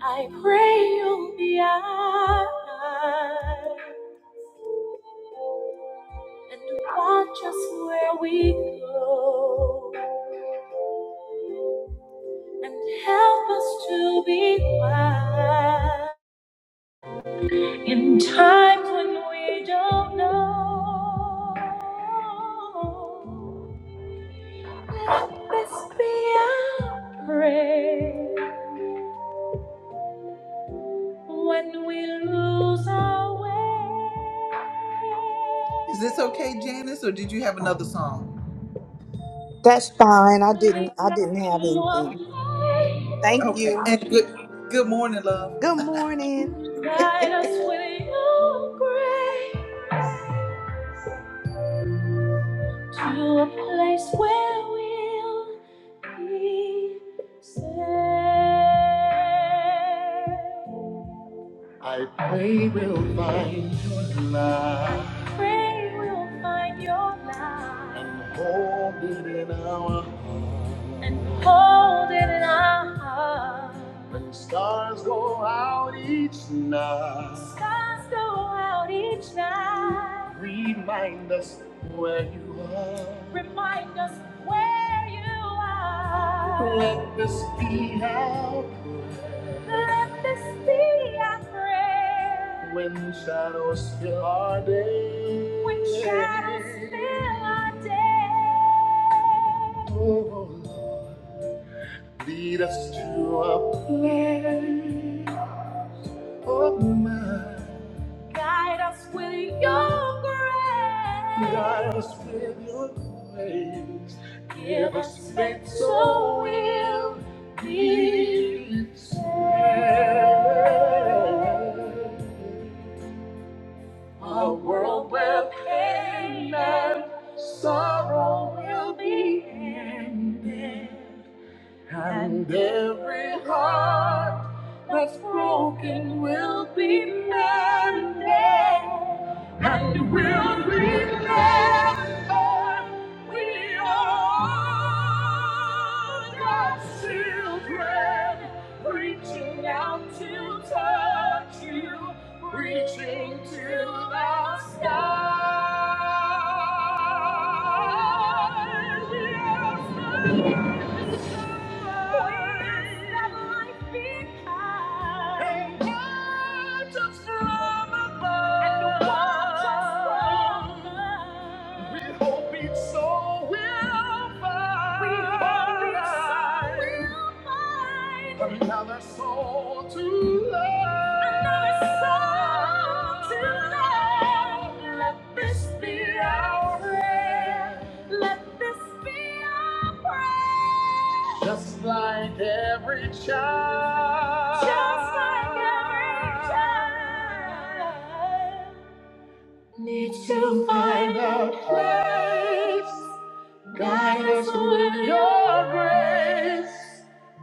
I pray you'll be eyes and watch us where we go and help us to be wise in times when we don't know. Let this be our prayer when we lose our way. Is this okay, Janice, or did you have another song? That's fine. I didn't I didn't have anything. Thank Okay, you. and good good morning, love. Good morning. Guide us with your grace to a place where we'll be safe. I pray we'll find your love pray we'll find your light. And hold it in our heart. And hold it in our heart. When stars go out each night. Stars go out each night. Remind us where you are. Remind us where you are. Let this be let this be our prayer. When shadows fill our day. When shadows fill our day. Oh Lord, lead us to a place of my. Guide us with your grace. Guide us with your grace. Give us faith so so we'll be saved. A world where pain and sorrow will be ended. And every heart that's broken will be mended. And we'll remember we are all God's children, reaching out to touch you reaching to the sky. Yes, the voice that life behind. and waters from above. and watches from above. We hope each soul will find. We hope Another soul to love. Another soul to love. Let this be our prayer. Let this be our prayer. Just like every child. Just like every child. Need to find a place. Guide us with your grace.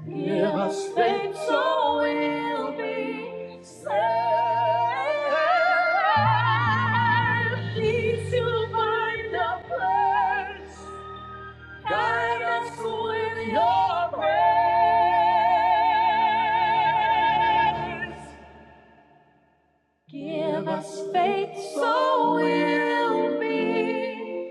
Give us faith so we'll be saved. Please you find a place. Guide us with your grace. Give us faith so we'll be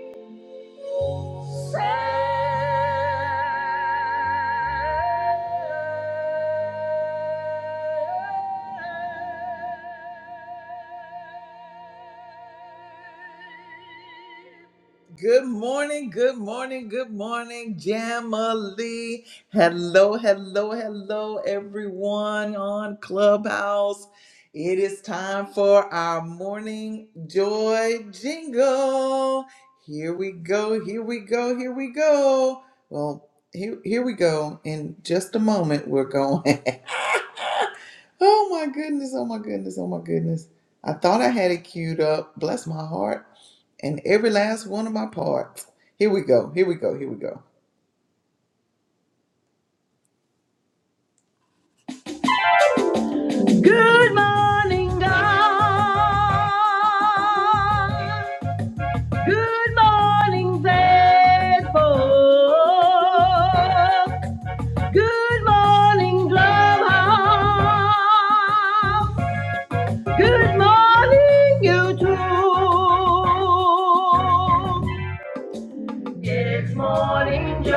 Good morning, good morning, good morning, Jamali. Hello, hello, hello, everyone on Clubhouse. It is time for our morning joy jingle. Here we go, here we go, here we go. Well, here, here we go. In just a moment, we're going. Oh my goodness, oh my goodness, oh my goodness. I thought I had it queued up. Bless my heart. And every last one of my parts. Here we go, here we go, here we go. Good morning, God. Good morning, Facebook. Good morning, Clubhouse. It's morning joy.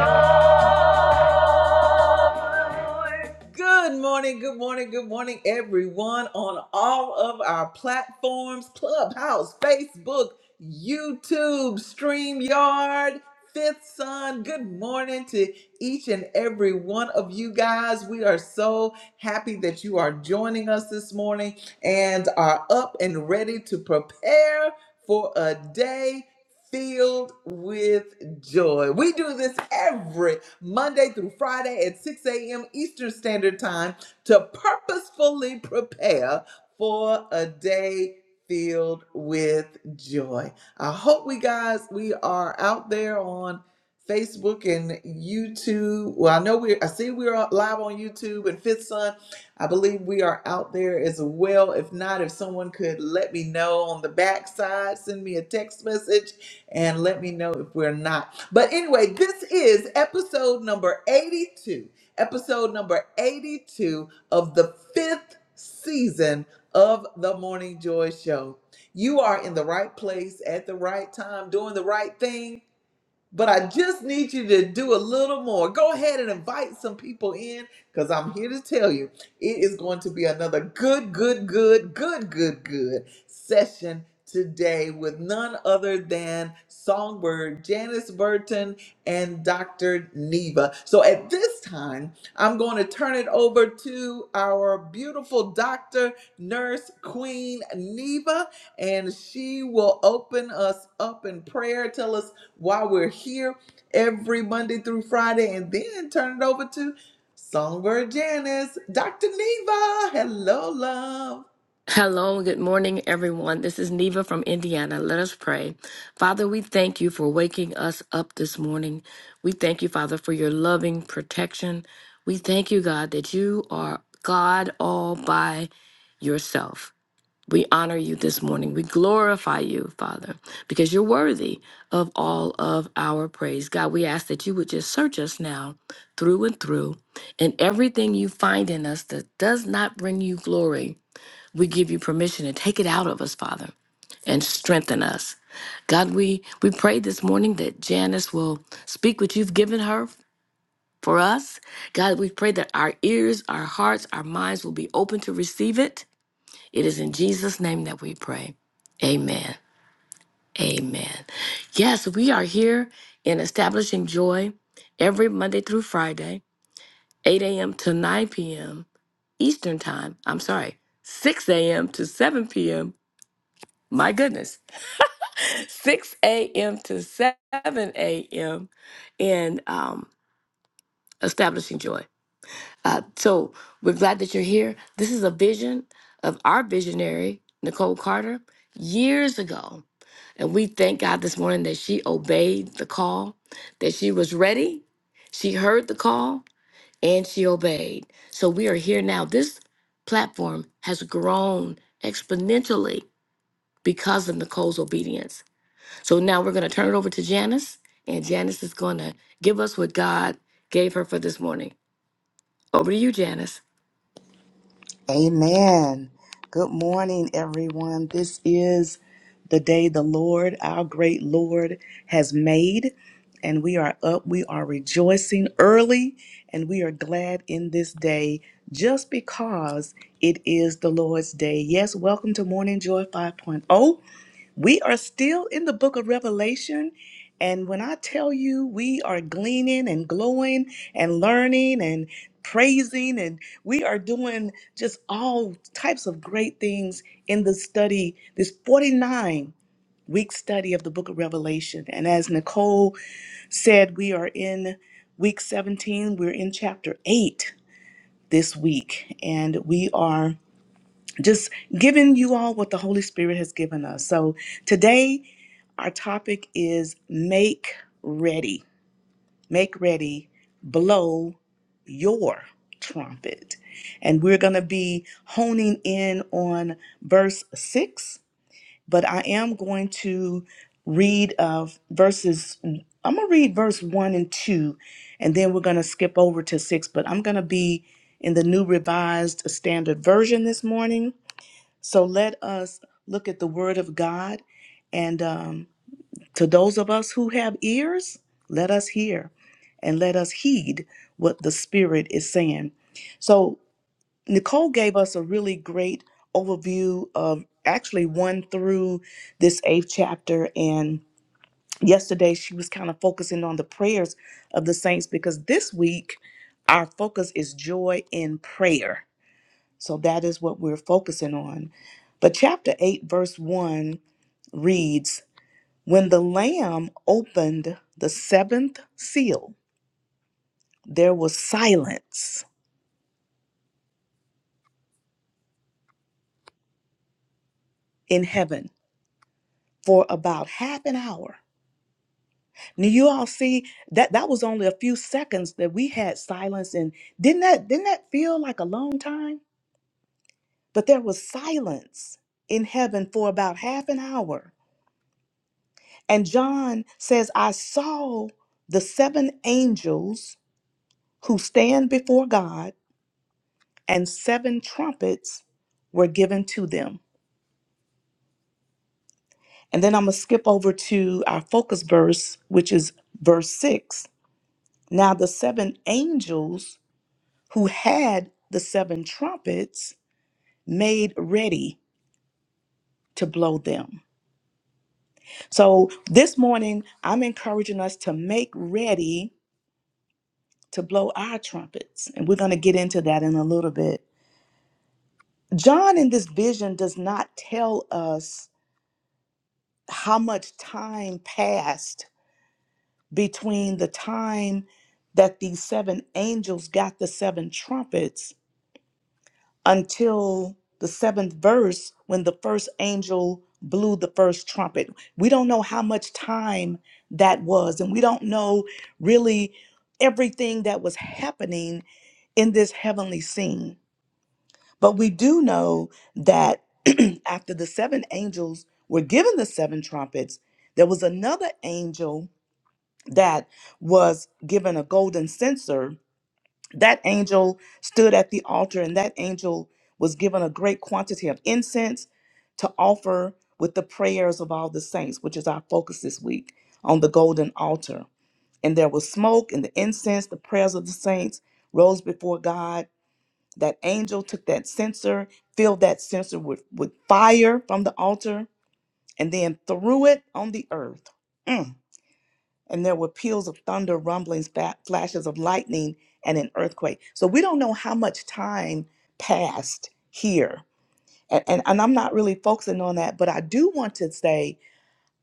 Good morning, good morning, good morning, everyone on all of our platforms Clubhouse, Facebook, YouTube, StreamYard, Fifth Sun. Good morning to each and every one of you guys. We are so happy that you are joining us this morning and are up and ready to prepare for a day filled with joy. We do this every Monday through Friday at 6 a.m. Eastern Standard Time to purposefully prepare for a day filled with joy. I hope we guys we are out there on Facebook and YouTube. Well, I know we I see we're live on YouTube and Fifth Sun. I believe we are out there as well. If not, if someone could let me know on the backside, send me a text message and let me know if we're not but anyway, this is episode number 82. Episode number 82 of the fifth season of the Morning Joy Show. You are in the right place at the right time, doing the right thing but I just need you to do a little more. Go ahead and invite some people in because I'm here to tell you it is going to be another good, good, good, good, good, good session today with none other than Songbird Janice Burton and Dr. Neva. So at this time, I'm going to turn it over to our beautiful doctor, nurse, queen, Neva, and she will open us up in prayer. Tell us while we're here every Monday through Friday, and then turn it over to Songbird Janice, Dr. Neva. Hello, love. Hello, and good morning, everyone. This is Neva from Indiana. Let us pray. Father, we thank you for waking us up this morning. We thank you, Father, for your loving protection. We thank you, God, that you are God all by yourself. We honor you this morning. We glorify you, Father, because you're worthy of all of our praise. God, we ask that you would just search us now through and through, and everything you find in us that does not bring you glory we give you permission to take it out of us, Father, and strengthen us. God, we, we pray this morning that Janice will speak what you've given her for us. God, we pray that our ears, our hearts, our minds will be open to receive it. It is in Jesus' name that we pray. Amen. Amen. Yes, we are here in Establishing Joy every Monday through Friday, 8 a.m. to 9 p.m. Eastern Time. I'm sorry, 6 a.m. to 7 p.m. my goodness, 6 a.m. to 7 a.m. in um, establishing joy. Uh, so we're glad that you're here. This is a vision of our visionary, Nicole Carter, years ago. And we thank God this morning that she obeyed the call, that she was ready, she heard the call, and she obeyed. So we are here now. This platform has grown exponentially because of Nicole's obedience. So now we're going to turn it over to Janice, and Janice is going to give us what God gave her for this morning. Over to you, Janice. Amen. Good morning, everyone. This is the day the Lord, our great Lord, has made, and we are up. We are rejoicing early, and we are glad in this day just because it is the Lord's day. Yes, welcome to Morning Joy 5.0. We are still in the book of Revelation. And when I tell you we are gleaning and glowing and learning and praising, and we are doing just all types of great things in the study, this 49 week study of the book of Revelation. And as Nicole said, we are in week 17, we're in chapter 8 this week, and we are just giving you all what the Holy Spirit has given us. So today, our topic is make ready, make ready, blow your trumpet. And we're going to be honing in on verse six, but I am going to read of verses, I'm going to read verse one and two, and then we're going to skip over to six, but I'm going to be in the new revised standard version this morning. So let us look at the word of God. And um, to those of us who have ears, let us hear and let us heed what the Spirit is saying. So, Nicole gave us a really great overview of actually one through this eighth chapter. And yesterday she was kind of focusing on the prayers of the saints because this week our focus is joy in prayer. So, that is what we're focusing on. But chapter 8, verse 1 reads, when the Lamb opened the seventh seal, there was silence in heaven for about half an hour. Now you all see that that was only a few seconds that we had silence, and didn't that didn't that feel like a long time? But there was silence in heaven for about half an hour. And John says, I saw the seven angels who stand before God, and seven trumpets were given to them. And then I'm going to skip over to our focus verse, which is verse 6. Now the seven angels who had the seven trumpets made ready to blow them. So this morning, I'm encouraging us to make ready to blow our trumpets. And we're going to get into that in a little bit. John in this vision does not tell us how much time passed between the time that these seven angels got the seven trumpets until the seventh verse when the first angel blew the first trumpet. We don't know how much time that was, and we don't know really everything that was happening in this heavenly scene. But we do know that after the seven angels were given the seven trumpets, there was another angel that was given a golden censer, that angel stood at the altar and that angel was given a great quantity of incense to offer with the prayers of all the saints, which is our focus this week on the golden altar. And there was smoke and the incense, the prayers of the saints rose before God. That angel took that censer, filled that censer with, with fire from the altar, and then threw it on the earth. Mm and there were peals of thunder, rumblings, ba- flashes of lightning, and an earthquake. So we don't know how much time passed here. And, and, and I'm not really focusing on that, but I do want to say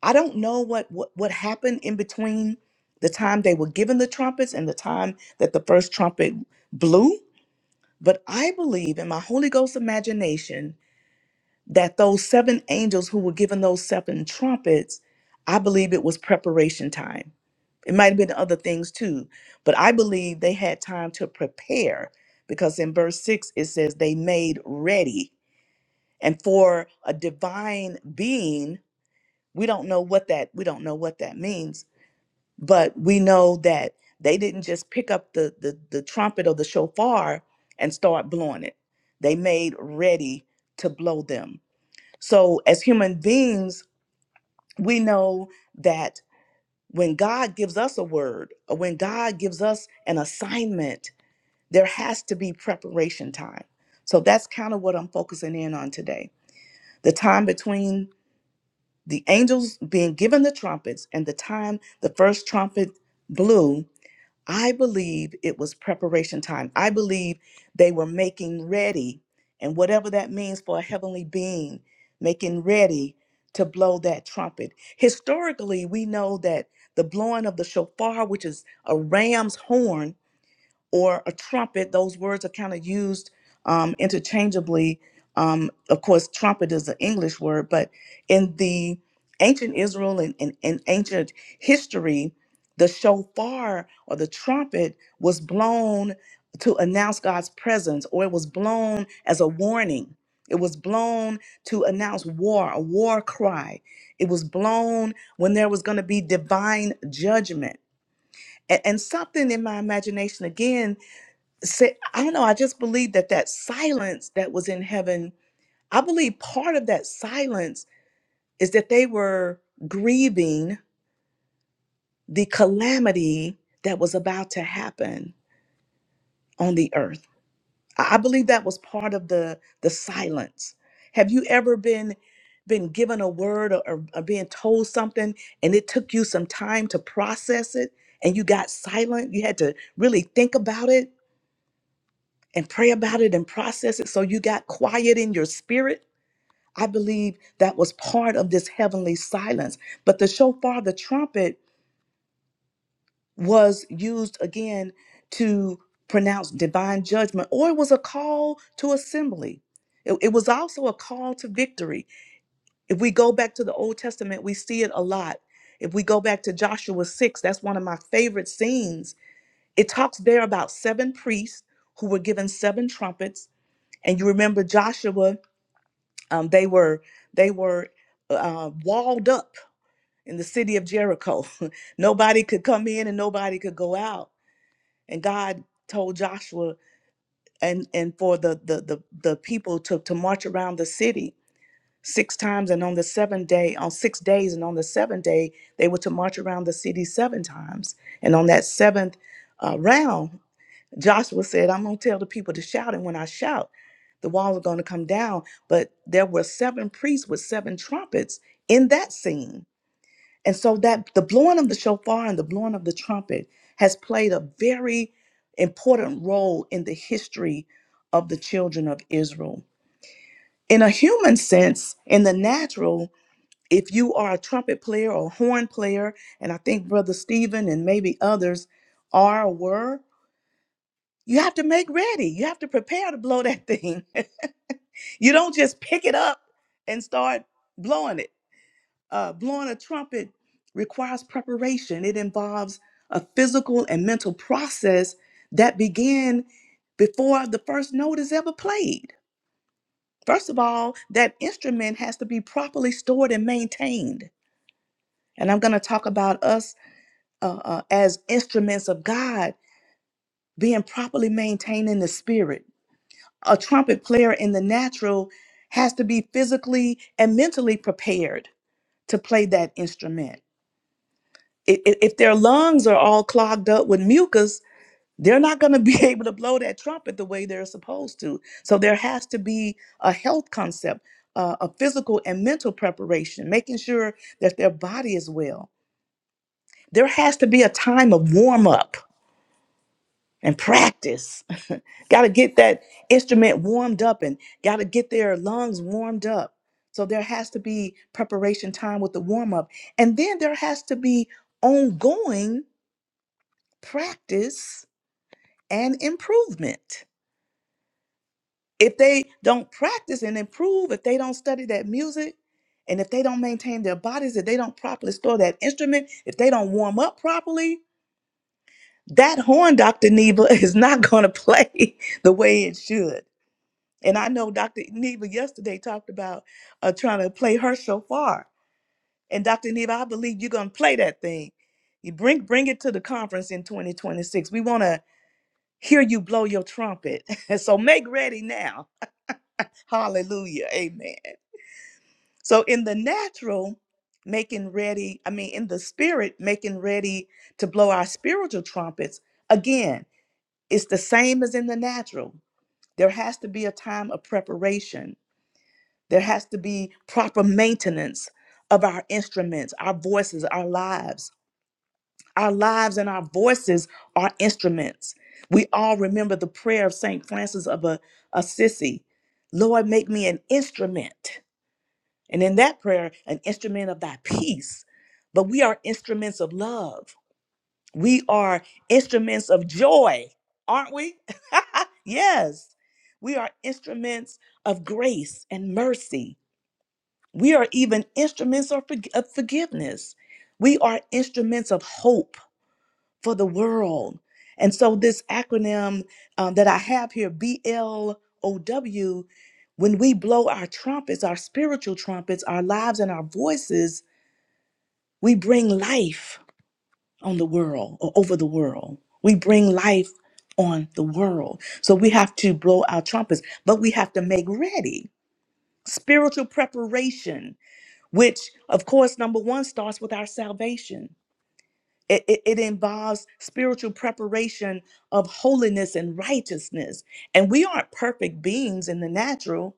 I don't know what, what, what happened in between the time they were given the trumpets and the time that the first trumpet blew, but I believe in my Holy Ghost imagination that those seven angels who were given those seven trumpets, I believe it was preparation time it might have been other things too, but I believe they had time to prepare because in verse 6 it says they made ready. And for a divine being, we don't know what that we don't know what that means, but we know that they didn't just pick up the the, the trumpet or the shofar and start blowing it. They made ready to blow them. So as human beings, we know that when God gives us a word, or when God gives us an assignment, there has to be preparation time. So that's kind of what I'm focusing in on today. The time between the angels being given the trumpets and the time the first trumpet blew I believe it was preparation time. I believe they were making ready, and whatever that means for a heavenly being, making ready to blow that trumpet. Historically, we know that the blowing of the shofar, which is a ram's horn, or a trumpet. Those words are kind of used um, interchangeably. Um, of course, trumpet is an English word, but in the ancient Israel and, in and ancient history, the shofar or the trumpet was blown to announce God's presence, or it was blown as a warning. It was blown to announce war, a war cry. It was blown when there was going to be divine judgment. A- and something in my imagination again say i don't know i just believe that that silence that was in heaven i believe part of that silence is that they were grieving the calamity that was about to happen on the earth i I believe that was part of the the silence have you ever been been given a word or, or or being told something and it took you some time to process it and you got silent you had to really think about it and pray about it and process it so you got quiet in your spirit I believe that was part of this heavenly silence. But the shofar, the trumpet, was used again to pronounce divine judgment, or it was a call to assembly. It, it was also a call to victory. If we go back to the Old Testament, we see it a lot. If we go back to Joshua 6, that's one of my favorite scenes. It talks there about seven priests who were given seven trumpets. And you remember Joshua, um, they were they were uh, walled up in the city of Jericho. nobody could come in and nobody could go out. And God told Joshua and and for the the the, the people to to march around the city six times and on the seventh day on six days and on the seventh day they were to march around the city seven times and on that seventh uh, round joshua said i'm going to tell the people to shout and when i shout the walls are going to come down but there were seven priests with seven trumpets in that scene and so that the blowing of the shofar and the blowing of the trumpet has played a very important role in the history of the children of Israel. In a human sense, in the natural, if you are a trumpet player or horn player, and I think Brother Stephen and maybe others are or were, you have to make ready. You have to prepare to blow that thing. you don't just pick it up and start blowing it Uh, blowing a trumpet requires preparation, it involves a physical and mental process that began before the first note is ever played. First of all, that instrument has to be properly stored and maintained. And I'm going to talk about us uh, uh, as instruments of God being properly maintained in the spirit. A trumpet player in the natural has to be physically and mentally prepared to play that instrument. i- i- if their lungs are all clogged up with mucus, they're not going to be able to blow that trumpet the way they're supposed to. So there has to be a health concept, uh, a physical and mental preparation, making sure that their body is well. There has to be a time of warm up and practice. got to get that instrument warmed up and got to get their lungs warmed up. So there has to be preparation time with the warm up. And then there has to be ongoing practice and improvement. If they don't practice and improve, if they don't study that music, and if they don't maintain their bodies, if they don't properly store that instrument, if they don't warm up properly, that horn, Dr. Neva, is not going to play the way it should. And I know Dr. Neva yesterday talked about uh, trying to play her shofar. And Dr. Neva, I believe you're going to play that thing. You bring bring it to the conference in 2026. We want to hear you blow your trumpet. And so make ready now. Hallelujah. Amen. So in the natural, making ready, I mean, in the spirit, making ready to blow our spiritual trumpets, again, it's the same as in the natural. There has to be a time of preparation, there has to be proper maintenance of our instruments, our voices, our lives Our lives and our voices are instruments. We all remember the prayer of St. Francis of a Assisi Lord, make me an instrument. And in that prayer, an instrument of thy peace. But we are instruments of love. We are instruments of joy, aren't we? yes. We are instruments of grace and mercy. We are even instruments of forg- of forgiveness. We are instruments of hope for the world. And so, this acronym um, that I have here, BLOW, when we blow our trumpets, our spiritual trumpets, our lives and our voices, we bring life on the world or over the world. We bring life on the world. So, we have to blow our trumpets, but we have to make ready spiritual preparation, which, of course, number one starts with our salvation. It, it, it involves spiritual preparation of holiness and righteousness. And we aren't perfect beings in the natural,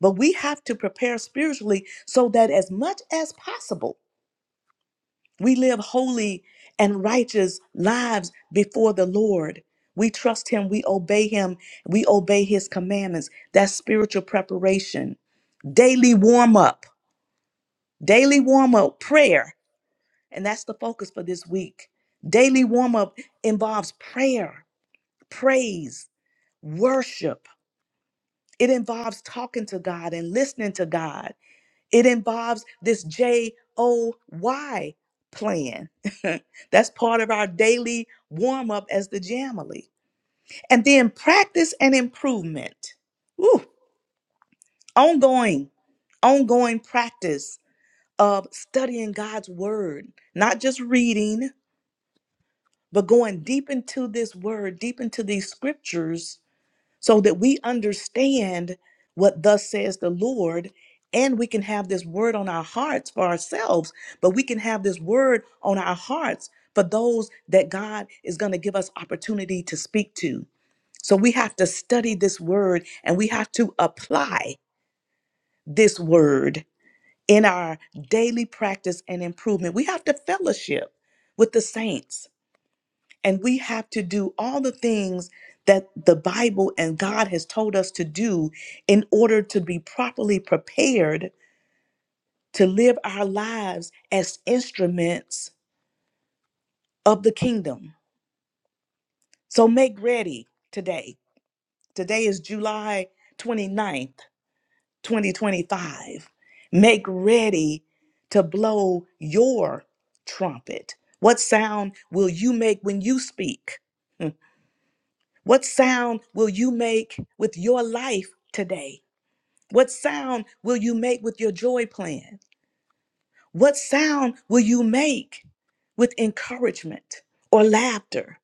but we have to prepare spiritually so that as much as possible, we live holy and righteous lives before the Lord. We trust Him, we obey Him, we obey His commandments. That's spiritual preparation. Daily warm up, daily warm up prayer and that's the focus for this week. Daily warm up involves prayer, praise, worship. It involves talking to God and listening to God. It involves this J O Y plan. that's part of our daily warm up as the Jamily. And then practice and improvement. Ooh, ongoing, ongoing practice of studying God's word, not just reading, but going deep into this word, deep into these scriptures, so that we understand what thus says the Lord, and we can have this word on our hearts for ourselves, but we can have this word on our hearts for those that God is going to give us opportunity to speak to. So we have to study this word and we have to apply this word in our daily practice and improvement. We have to fellowship with the saints. And we have to do all the things that the Bible and God has told us to do in order to be properly prepared to live our lives as instruments of the kingdom. So make ready today. Today is July 29th, 2025. Make ready to blow your trumpet. What sound will you make when you speak? Hmm. What sound will you make with your life today? What sound will you make with your joy plan? What sound will you make with encouragement or laughter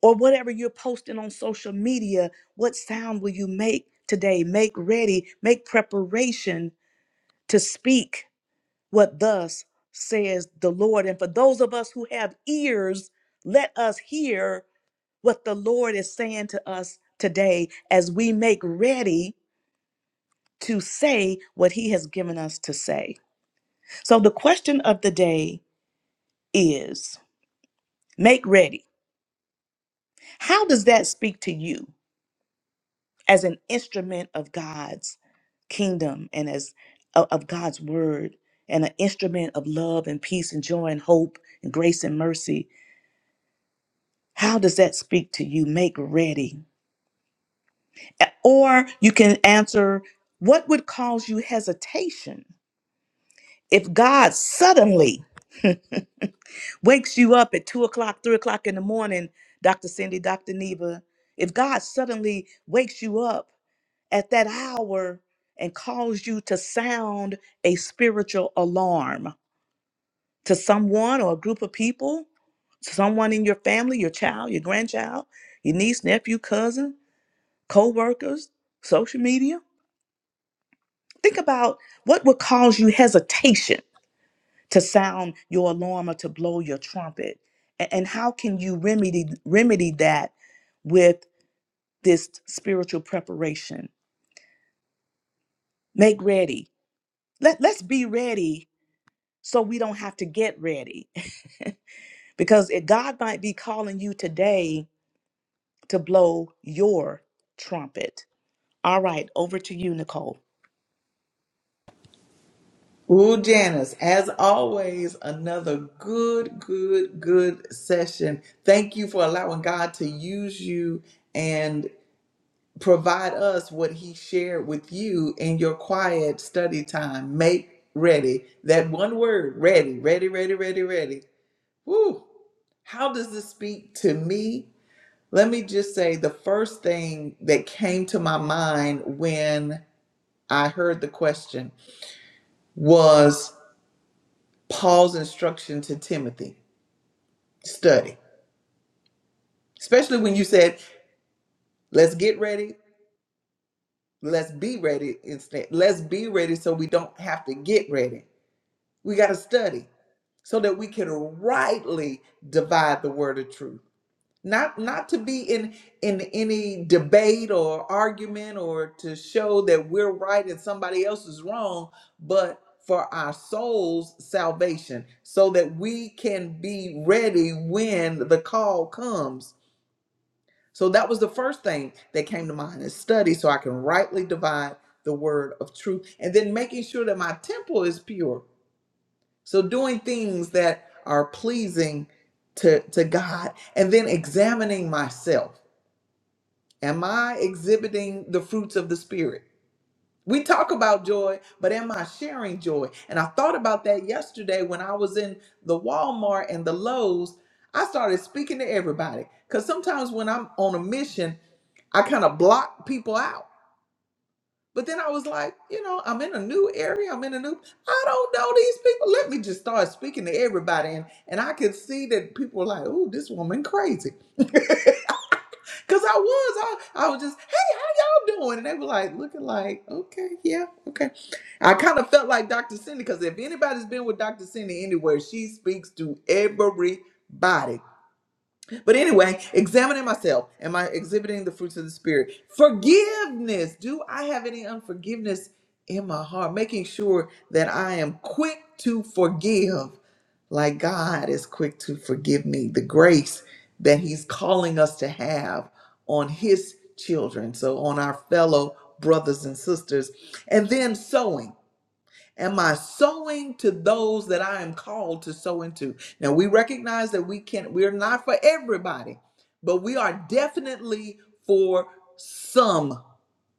or whatever you're posting on social media? What sound will you make today? Make ready, make preparation to speak what thus says the Lord. And for those of us who have ears, let us hear what the Lord is saying to us today as we make ready to say what He has given us to say. So, the question of the day is make ready. How does that speak to you as an instrument of God's kingdom and as o- of God's word and an instrument of love and peace and joy and hope and grace and mercy? How does that speak to you? Make ready. A- Or you can answer, what would cause you hesitation If God suddenly wakes you up at two o'clock, three o'clock in the morning, Dr. Cindy, Dr. Neva, if God suddenly wakes you up at that hour and calls you to sound a spiritual alarm to someone or a group of people, someone in your family, your child, your grandchild, your niece, nephew, cousin, co workers, social media, think about what would cause you hesitation to sound your alarm or to blow your trumpet A- and how can you remedy remedy that with this spiritual preparation make ready Let, let's be ready so we don't have to get ready because it, god might be calling you today to blow your trumpet all right over to you nicole Ooh, Janice, as always, another good, good, good session. Thank you for allowing God to use you and provide us what He shared with you in your quiet study time. Make ready. That one word, ready, ready, ready, ready, ready. Woo! How does this speak to me Let me just say the first thing that came to my mind when I heard the question was Paul's instruction to Timothy study, especially when you said, let's get ready, let's be ready instead. Let's be ready so we don't have to get ready. We got to study so that we can rightly divide the word of truth. not not to be in in any debate or argument or to show that we're right and somebody else is wrong but for our souls salvation so that we can be ready when the call comes so that was the first thing that came to mind is study so i can rightly divide the word of truth and then making sure that my temple is pure so doing things that are pleasing to to god and then examining myself Am I exhibiting the fruits of the Spirit? We talk about joy, but am I sharing joy? And I thought about that yesterday when I was in the Walmart and the Lowe's. I started speaking to everybody because sometimes when I'm on a mission, I kind of block people out. But then I was like, you know, I'm in a new area. I'm in a new, I don't know these people. Let me just start speaking to everybody. And, and I could see that people were like, oh, this woman crazy. Cause I was, I, I was just, hey, how y'all doing? And they were like, looking like, okay, yeah, okay. I kind of felt like Dr. Cindy, because if anybody's been with Dr. Cindy anywhere, she speaks to everybody. But anyway, examining myself, am I exhibiting the fruits of the Spirit? Forgiveness. Do I have any unforgiveness in my heart? Making sure that I am quick to forgive, like God is quick to forgive me. The grace that He's calling us to have on His children, so on our fellow brothers and sisters. And then sowing. Am I sowing to those that I am called to sow into? Now we recognize that we can't, we're not for everybody, but we are definitely for some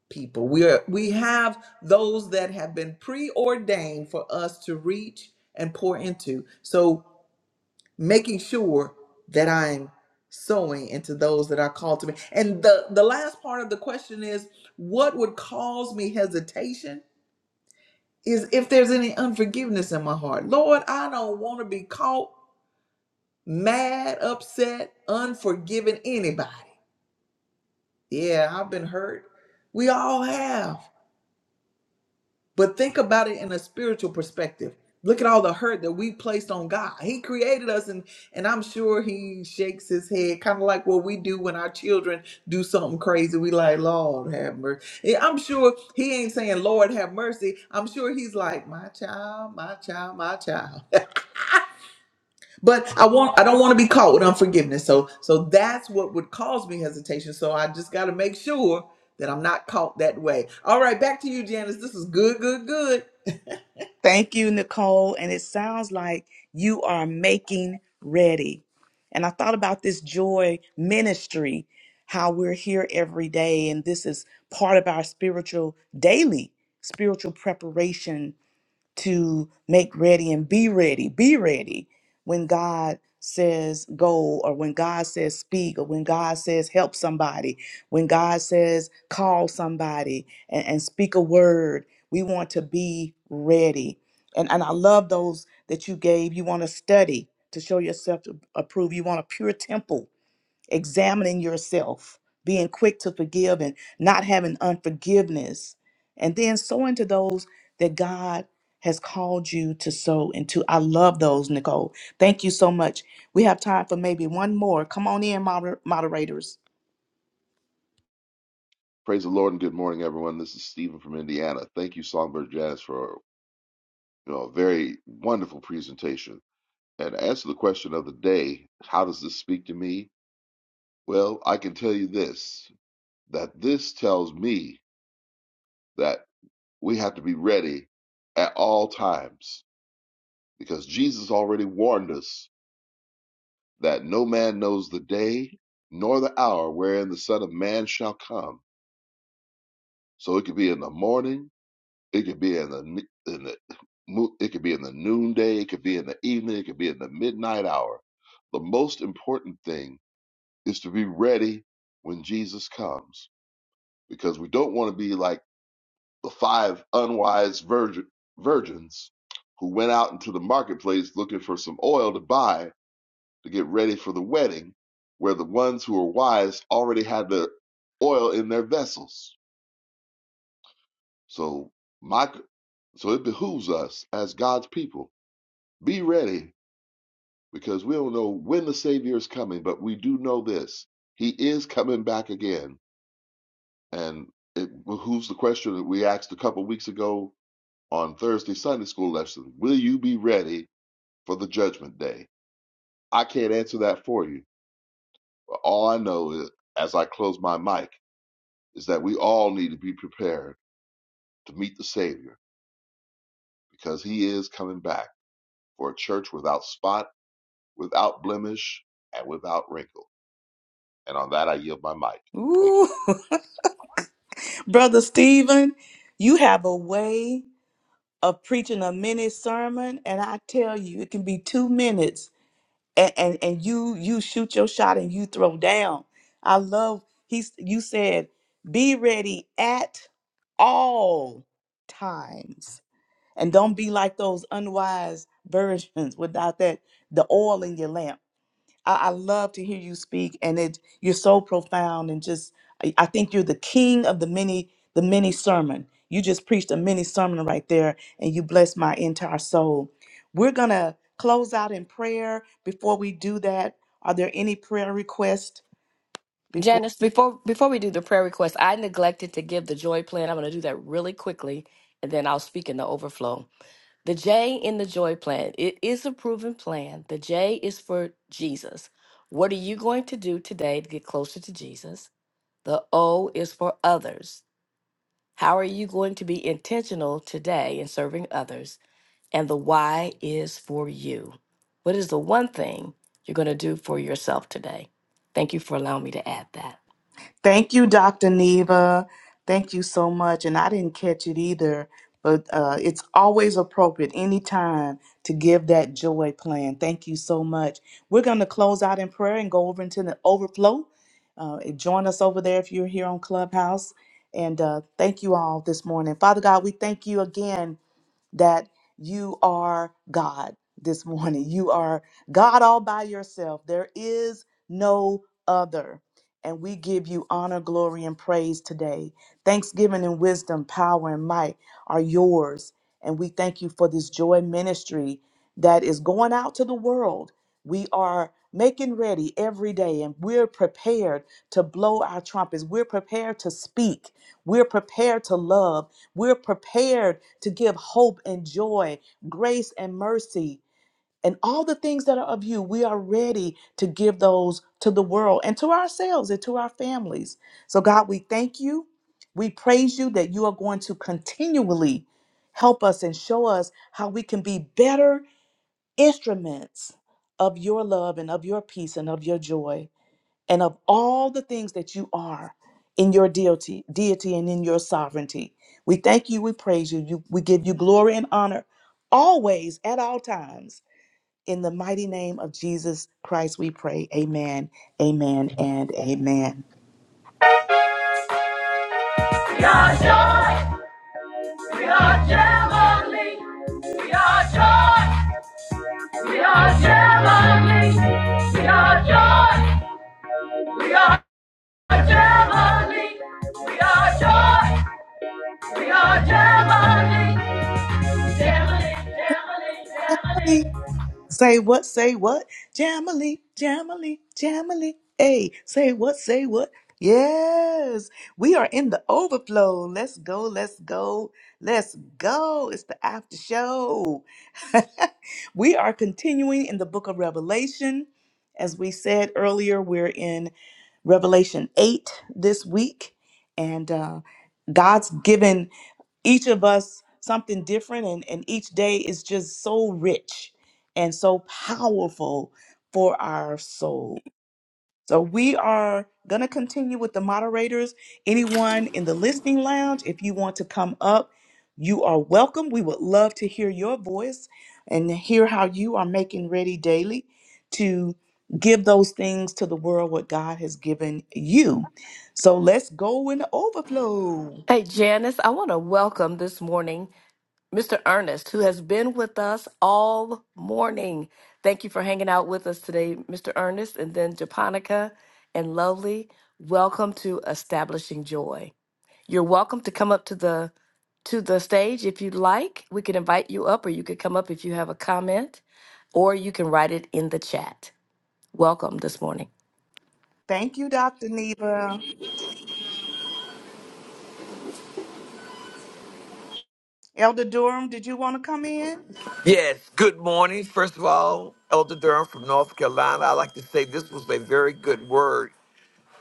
people. We are we have those that have been preordained for us to reach and pour into. So making sure that I'm sowing into those that are called to me. And the the last part of the question is what would cause me hesitation is if there's any unforgiveness in my heart. Lord, I don't want to be caught mad, upset, unforgiving anybody. Yeah, I've been hurt. We all have. But think about it in a spiritual perspective. Look at all the hurt that we placed on God. He created us and and I'm sure he shakes his head kind of like what we do when our children do something crazy. We like, "Lord, have mercy." Yeah, I'm sure he ain't saying, "Lord, have mercy." I'm sure he's like, "My child, my child, my child." But I want I don't want to be caught with unforgiveness. So so that's what would cause me hesitation. So I just got to make sure that I'm not caught that way. All right, back to you, Janice. This is good, good, good. Thank you, Nicole. And it sounds like you are making ready. And I thought about this joy ministry, how we're here every day. And this is part of our spiritual, daily spiritual preparation to make ready and be ready, be ready when God says go or when God says speak or when God says help somebody, when God says call somebody and, and speak a word. We want to be ready. And, and I love those that you gave. You want to study to show yourself to approve. You want a pure temple examining yourself, being quick to forgive and not having unforgiveness, and then sowing to those that God has called you to sow into. I love those, Nicole. Thank you so much. We have time for maybe one more. Come on in, moder- moderators. Praise the Lord and good morning, everyone. This is Stephen from Indiana. Thank you, Songbird Jazz, for you know a very wonderful presentation. And to answer the question of the day, how does this speak to me? Well, I can tell you this: that this tells me that we have to be ready at all times, because Jesus already warned us that no man knows the day nor the hour wherein the Son of Man shall come. So it could be in the morning It could be in the n- in the mo- it could be in the noonday, it could be in the evening, it could be in the midnight hour. The most important thing is to be ready when Jesus comes, because we don't want to be like the five unwise virgin, virgins who went out into the marketplace looking for some oil to buy to get ready for the wedding, where the ones who are wise already had the oil in their vessels. So my so it behooves us as God's people Be ready because we don't know when the Savior is coming, but we do know this He is coming back again. And it behooves the question that we asked a couple weeks ago on Thursday Sunday school lesson Will you be ready for the judgment day? I can't answer that for you. But all I know is, as I close my mic is that we all need to be prepared to meet the Savior because He is coming back for a church without spot, without blemish, and without wrinkle. And on that, I yield my mic. Thank you. Ooh, Brother Stephen, you have a way of preaching a mini sermon, and I tell you, it can be two minutes and and, and you you shoot your shot and you throw down. I love he's you said be ready at all times and don't be like those unwise virgins without that the oil in your lamp I, I love to hear you speak, and it you're so profound and just. I I think you're the king of the mini the mini sermon. You just preached a mini sermon right there, and you blessed my entire soul. We're gonna close out in prayer. Before we do that, are there any prayer requests? before? Janice, before before we do the prayer request, I neglected to give the joy plan. I'm going to do that really quickly, and then I'll speak in the overflow. The J in the joy plan, it is a proven plan. The J is for Jesus. What are you going to do today to get closer to Jesus? The O is for others. How are you going to be intentional today in serving others? And the why is for you. What is the one thing you're going to do for yourself today? Thank you for allowing me to add that. Thank you, Dr. Neva. Thank you so much. And I didn't catch it either, but uh, it's always appropriate anytime to give that joy plan. Thank you so much. We're going to close out in prayer and go over into the overflow. Uh, join us over there if you're here on Clubhouse. And uh, thank you all this morning. Father God, we thank you again that you are God this morning. You are God all by yourself. There is no other. And we give you honor, glory, and praise today. Thanksgiving and wisdom, power, and might are yours. And we thank you for this joy ministry that is going out to the world. We are making ready every day, and we're prepared to blow our trumpets. We're prepared to speak. We're prepared to love. We're prepared to give hope and joy, grace and mercy, and all the things that are of you. We are ready to give those to the world and to ourselves and to our families. So, God, we thank you. We praise you that you are going to continually help us and show us how we can be better instruments of your love and of your peace and of your joy and of all the things that you are in your deity, deity and in your sovereignty. We thank you, we praise you, you we give you glory and honor always at all times. In the mighty name of Jesus Christ, we pray. Amen, amen, and amen. We are joy. We are heavenly. We are joy. We are heavenly. We are joy. We are heavenly. We are joy. We are heavenly. Heavenly, heavenly, heavenly. Say what? Say what? Jamily, Jamily, Jamily. Hey, say what? Say what? Yes, we are in the overflow. Let's go, let's go, let's go. It's the after show. we are continuing in the book of Revelation. As we said earlier, we're in Revelation 8 this week, and uh, God's given each of us something different and, and each day is just so rich and so powerful for our soul so we are going to continue with the moderators anyone in the listening lounge if you want to come up you are welcome we would love to hear your voice and hear how you are making ready daily to give those things to the world what god has given you so let's go in the overflow Hey, Janice, I want to welcome this morning Mr. Ernest, who has been with us all morning. Thank you for hanging out with us today, Mr. Ernest, and then Japonica and Lovely. Welcome to Establishing Joy. You're welcome to come up to the to the stage if you'd like. We can invite you up or you could come up if you have a comment or you can write it in the chat. Welcome this morning. thank you dr neva Elder Durham, did you want to come in? Yes, good morning. First of all, Elder Durham from North Carolina, I'd like to say this was a very good word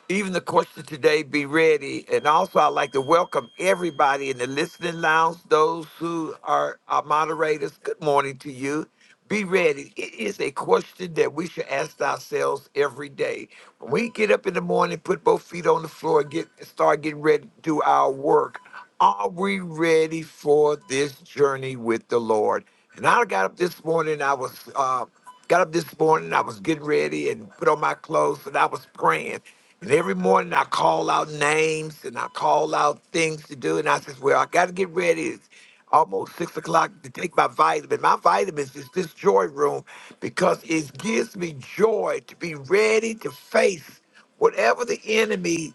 even the question today be ready. And also, I'd like to welcome everybody in the listening lounge, those who are our moderators. Good morning to you. Be ready. It is a question that we should ask ourselves every day. When we get up in the morning, put both feet on the floor, and get start getting ready to do our work. Are we ready for this journey with the Lord? And I got up this morning. I was uh, got up this morning. I was getting ready and put on my clothes, and I was praying. And every morning I call out names and I call out things to do. And I says, well, I got to get ready. It's almost six o'clock to take my vitamin. My vitamins is this joy room because it gives me joy to be ready to face whatever the enemy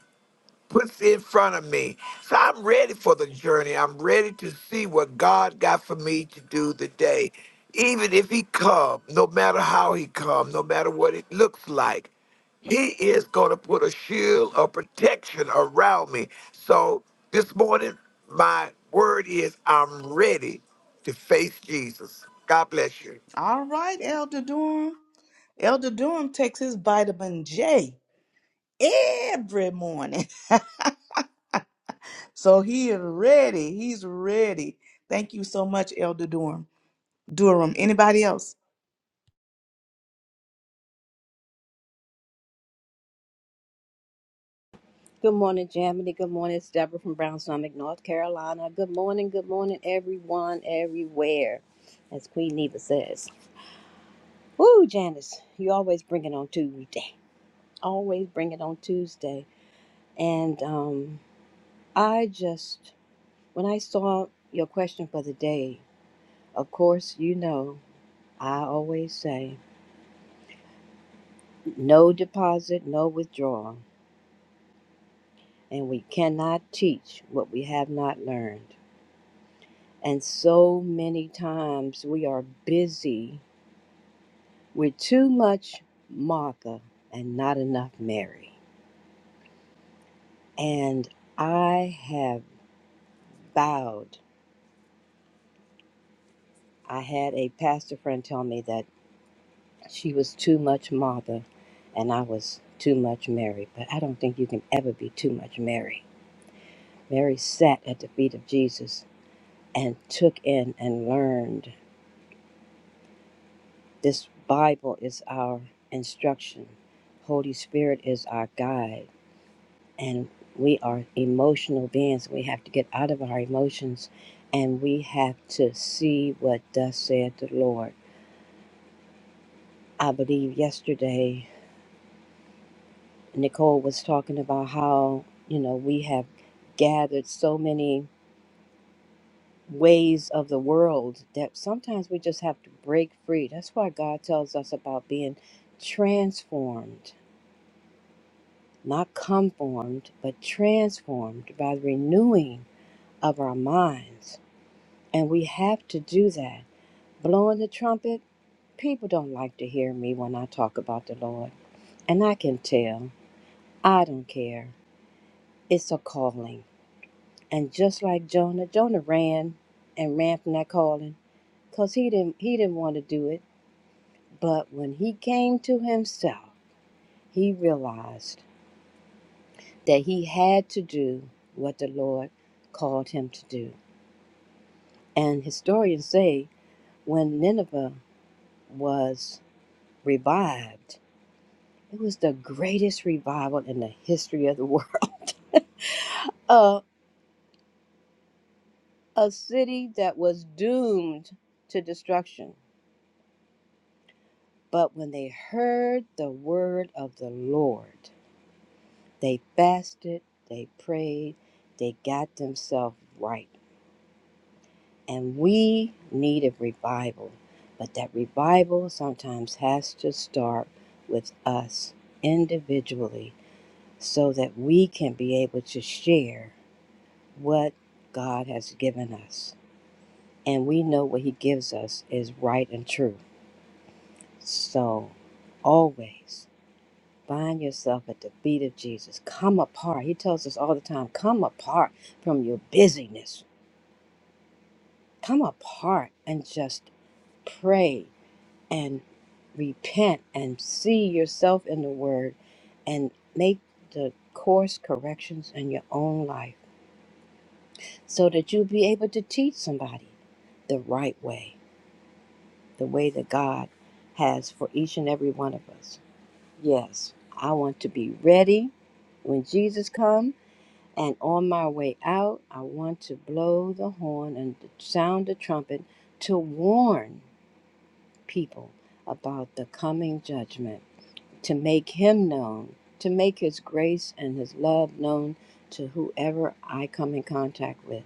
puts in front of me. So I'm ready for the journey. I'm ready to see what God got for me to do today. Even if he come, no matter how he come, no matter what it looks like, he is going to put a shield of protection around me. So this morning, my word is I'm ready to face Jesus. God bless you. All right, Elder Durham. Elder Durham takes his vitamin J every morning. so he is ready. He's ready. Thank you so much, Elder Durham. Durham, anybody else? Good morning, Jamity. Good morning. It's Deborah from Brown's North Carolina. Good morning. Good morning, everyone, everywhere. As Queen Neva says. Woo, Janice, you always bring it on Tuesday. Always bring it on Tuesday. And um, I just, when I saw your question for the day, of course, you know, I always say no deposit, no withdrawal. And we cannot teach what we have not learned. And so many times we are busy with too much Martha and not enough Mary. And I have vowed, I had a pastor friend tell me that she was too much Martha and I was too much Mary. But I don't think you can ever be too much Mary. Mary sat at the feet of Jesus and took in and learned. This Bible is our instruction, Holy Spirit is our guide and we are emotional beings. We have to get out of our emotions and we have to see what thus said the Lord. I believe yesterday Nicole was talking about how, you know, we have gathered so many ways of the world that sometimes we just have to break free. That's why God tells us about being transformed, not conformed, but transformed by the renewing of our minds. And we have to do that blowing the trumpet, people don't like to hear me when I talk about the Lord. And I can tell. I don't care. It's a calling. And just like Jonah, Jonah ran and ran from that calling because he didn't, he didn't want to do it. But when he came to himself, he realized that he had to do what the Lord called him to do. And historians say when Nineveh was revived, It was the greatest revival in the history of the world. Uh, a city that was doomed to destruction. But when they heard the word of the Lord, they fasted, they prayed, they got themselves right. And we need a revival. But that revival sometimes has to start with us individually so that we can be able to share. what God has given us. And we know what He gives us is right and true. So always find yourself at the feet of Jesus. Come apart. He tells us all the time come apart from your busyness, come apart and just pray and repent and see yourself in the Word and make the course corrections in your own life so that you'll be able to teach somebody the right way the way that God has for each and every one of us. Yes, I want to be ready when Jesus comes, and on my way out, I want to blow the horn and sound the trumpet to warn people about the coming judgment, to make him known, to make his grace and his love known to whoever I come in contact with.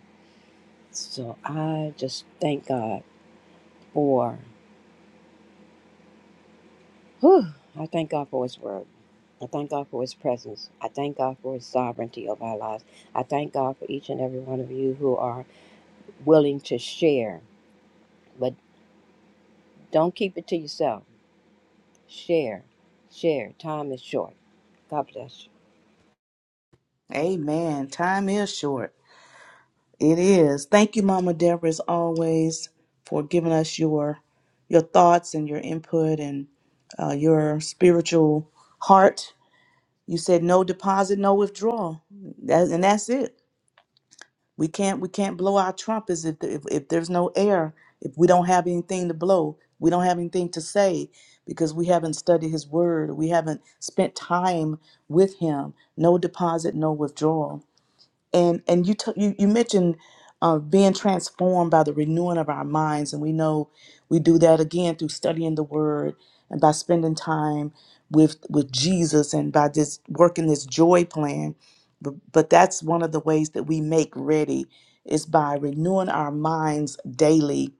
So I just thank God for whew, I thank God for his word. I thank God for His presence. I thank God for His sovereignty over our lives. I thank God for each and every one of you who are willing to share, but don't keep it to yourself. Share, share. Time is short. God bless Amen. Time is short. It is. Thank you, Mama Deborah, as always, for giving us your your thoughts and your input and uh, your spiritual heart. You said no deposit, no withdrawal, that, and that's it. We can't we can't blow our trumpets if, if if there's no air, if we don't have anything to blow, we don't have anything to say because we haven't studied His Word, we haven't spent time with Him. No deposit, no withdrawal and and you t- you you mentioned uh, being transformed by the renewing of our minds, and we know we do that again through studying the Word and by spending time with with Jesus and by just working this joy plan. But, but that's one of the ways that we make ready is by renewing our minds daily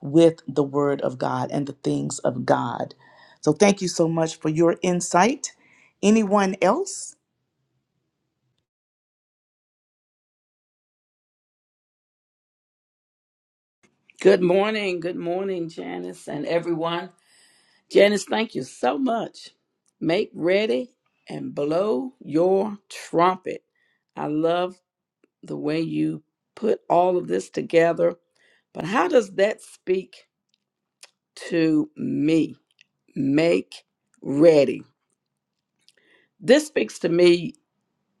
with the Word of God and the things of God. So thank you so much for your insight. Anyone else? Good morning. Good morning, Janice and everyone. Janice, thank you so much. Make ready and blow your trumpet. I love the way you put all of this together. But how does that speak to me? Make ready. This speaks to me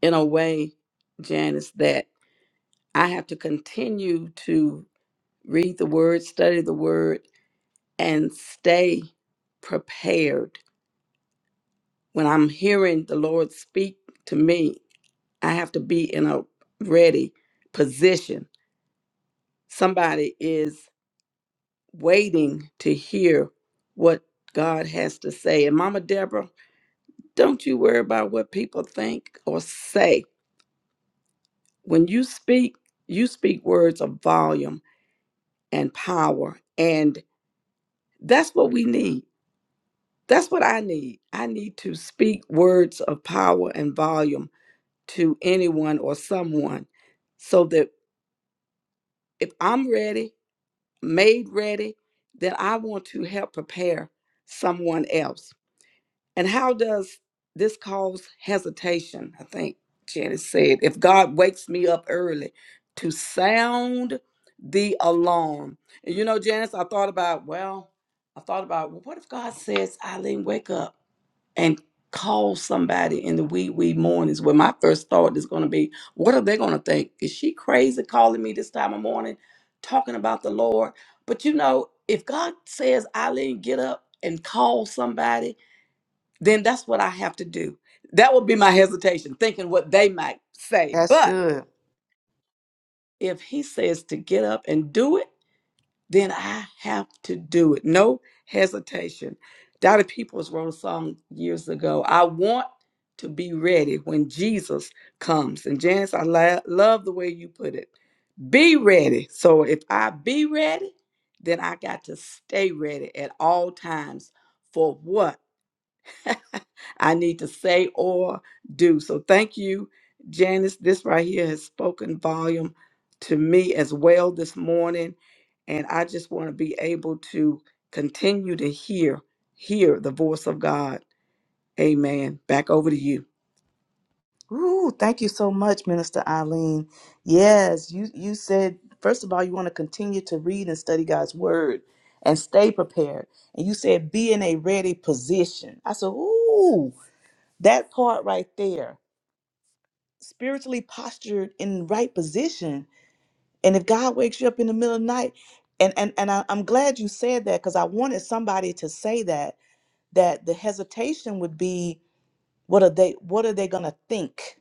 in a way, Janice, that I have to continue to read the word, study the word, and stay prepared when I'm hearing the Lord speak to me, I have to be in a ready position. Somebody is waiting to hear what God has to say. And Mama Deborah, don't you worry about what people think or say. When you speak, you speak words of volume and power. And that's what we need. That's what I need. I need to speak words of power and volume to anyone or someone so that if I'm ready, made ready, then I want to help prepare someone else. And how does this cause hesitation? I think Janice said, if God wakes me up early to sound the alarm. And you know, Janice, I thought about, well, I thought about, well, what if God says, Eileen, wake up? and call somebody in the wee wee mornings where my first thought is going to be what are they going to think is she crazy calling me this time of morning talking about the lord but you know if god says eileen get up and call somebody then that's what i have to do that would be my hesitation thinking what they might say That's but good. if he says to get up and do it then I have to do it. No hesitation. Dottie Peoples wrote a song years ago. I want to be ready when Jesus comes. And Janice, I la- love the way you put it. Be ready. So if I be ready, then I got to stay ready at all times for what? I need to say or do. So thank you, Janice. This right here has spoken volume to me as well this morning. And I just want to be able to continue to hear, hear the voice of God. Amen. Back over to you. Ooh, thank you so much, Minister Eileen. Yes, you, you said, first of all, you want to continue to read and study God's word and stay prepared. And you said, be in a ready position. I said, ooh, that part right there, spiritually postured in the right position. And if God wakes you up in the middle of the night, and, and, and I, I'm glad you said that because I wanted somebody to say that, that the hesitation would be, what are they, what are they going to think?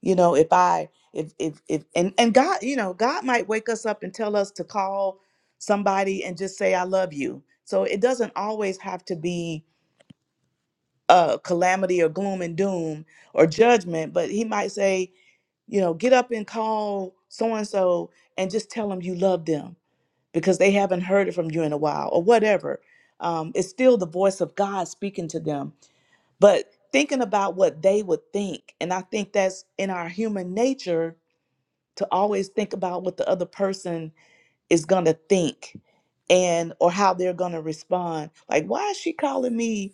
you know if i if if if and and god you know god might wake us up and tell us to call somebody and just say i love you so it doesn't always have to be uh calamity or gloom and doom or judgment but he might say you know get up and call so and so and just tell them you love them because they haven't heard it from you in a while or whatever um, it's still the voice of god speaking to them but thinking about what they would think and i think that's in our human nature to always think about what the other person is going to think and or how they're going to respond like why is she calling me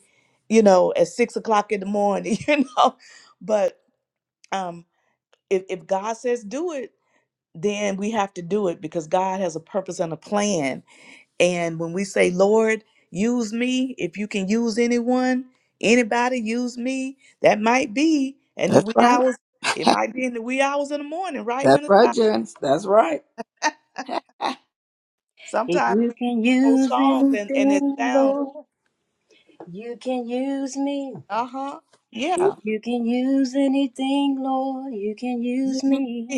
you know at six o'clock in the morning you know but um if, if god says do it then we have to do it because god has a purpose and a plan and when we say lord use me if you can use anyone anybody use me that might be in the That's wee right. hours it might be in the wee hours in the morning right That's minister right, Janice. That's right. you. If Sometimes you we sing can those use songs and, and it anything, sounds, Lord, you can use me. uh huh, yeah. If you can use anything, Lord, you can use me.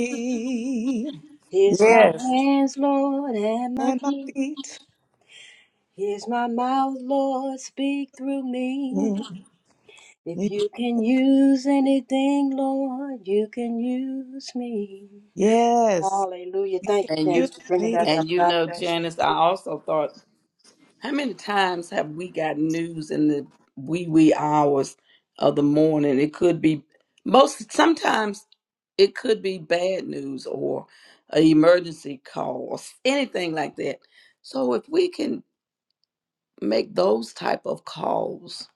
Here's my Yes. hands, Lord, and my And my feet. feet. Here's my mouth, Lord, speak through me. If you can use anything, Lord, you can use me. Yes. Hallelujah. You can Thank you, And do you Janice, for bringing that me. up. and you God know, bless you. Janice, I also thought How many times have we got news in the wee wee hours of the morning? It could be most sometimes it could be bad news or an emergency call or s- anything like that. So if we can make those type of calls,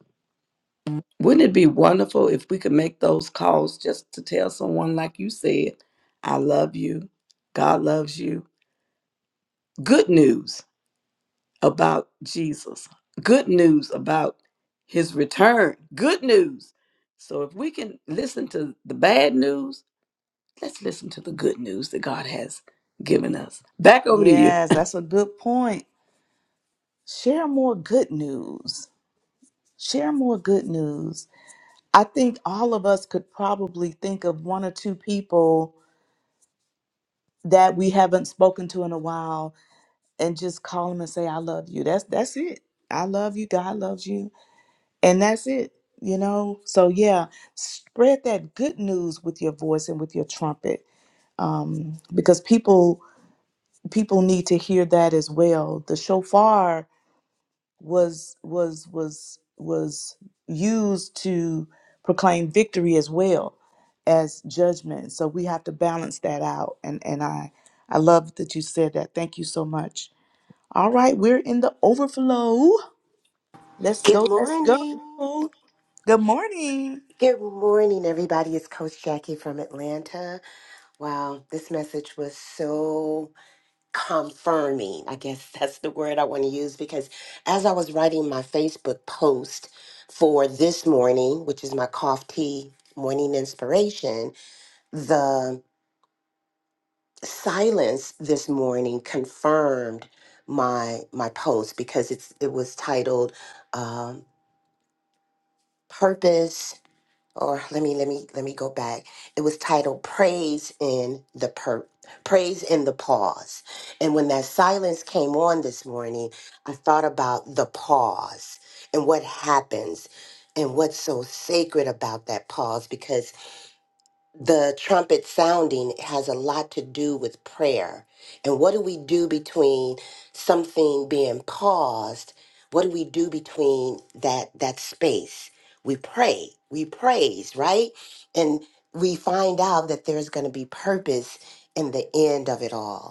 wouldn't it be wonderful if we could make those calls just to tell someone like you said, I love you, God loves you. Good news about Jesus, good news about his return, good news. So if we can listen to the bad news, let's listen to the good news that God has given us. Back over to you. Yes, that's a good point. Share more good news. Share more good news. I think all of us could probably think of one or two people that we haven't spoken to in a while and just call them and say, I love you. That's that's it. I love you. God loves you and that's it you know so yeah spread that good news with your voice and with your trumpet um, because people people need to hear that as well the shofar was was was was used to proclaim victory as well as judgment so we have to balance that out and and i i love that you said that thank you so much all right we're in the overflow let's Good go let's go morning. good morning Good morning, everybody. It's Coach Jackie from Atlanta. Wow, this message was so confirming. I guess that's the word I want to use because as I was writing my Facebook post for this morning, which is my cough tea morning inspiration, the silence this morning confirmed my my post because it's it was titled um, purpose or let me let me let me go back. It was titled "Praise in the Per Praise in the Pause." And when that silence came on this morning, I thought about the pause and what happens and what's so sacred about that pause because the trumpet sounding has a lot to do with prayer. And what do we do between something being paused? What do we do between that that space? We pray, we praise, right? And we find out that there's going to be purpose in the end of it all.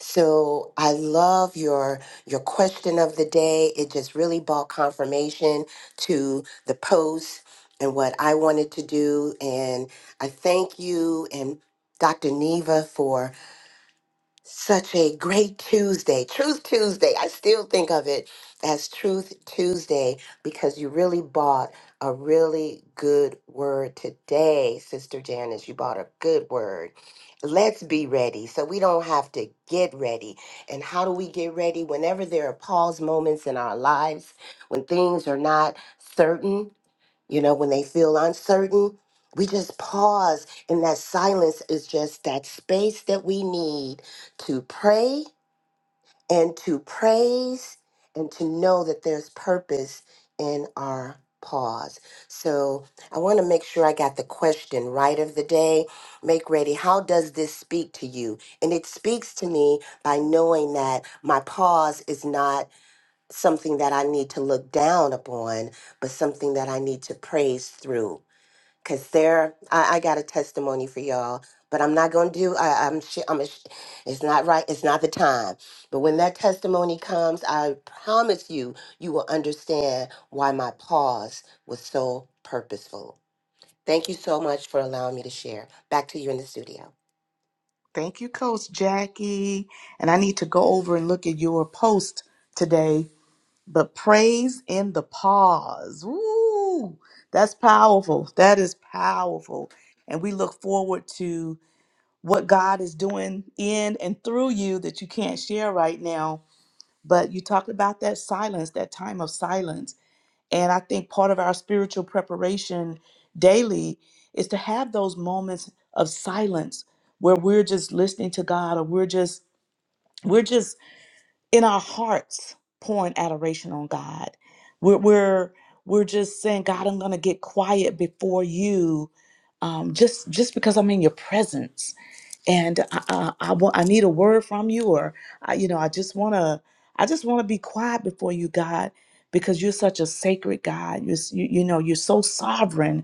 So I love your your question of the day. It just really brought confirmation to the post and what I wanted to do. And I thank you and Dr. Neva for such a great Tuesday, Truth Tuesday. I still think of it as Truth Tuesday because you really bought a really good word today, Sister Janice. You bought a good word. Let's be ready so we don't have to get ready. And how do we get ready? Whenever there are pause moments in our lives, when things are not certain, you know, when they feel uncertain, we just pause. And that silence is just that space that we need to pray and to praise and to know that there's purpose in our pause. So I want to make sure I got the question right of the day. Make ready. How does this speak to you? And it speaks to me by knowing that my pause is not something that I need to look down upon, but something that I need to praise through Cause Sarah, I, I got a testimony for y'all, but I'm not gonna do. I, I'm. Sh- I'm. A sh- it's not right. It's not the time. But when that testimony comes, I promise you, you will understand why my pause was so purposeful. Thank you so much for allowing me to share. Back to you in the studio. Thank you, Coach Jackie. And I need to go over and look at your post today. But praise in the pause. Woo! That's powerful. That is powerful. And we look forward to what God is doing in and through you that you can't share right now. But you talked about that silence, that time of silence. And I think part of our spiritual preparation daily is to have those moments of silence where we're just listening to God or we're just we're just in our hearts pouring adoration on God. We're we're we're just saying, God, I'm gonna get quiet before you, um, just just because I'm in your presence and I, I, I want I need a word from you, or I, you know, I just wanna I just wanna be quiet before you, God, because you're such a sacred God. You're, s- you you know you're so sovereign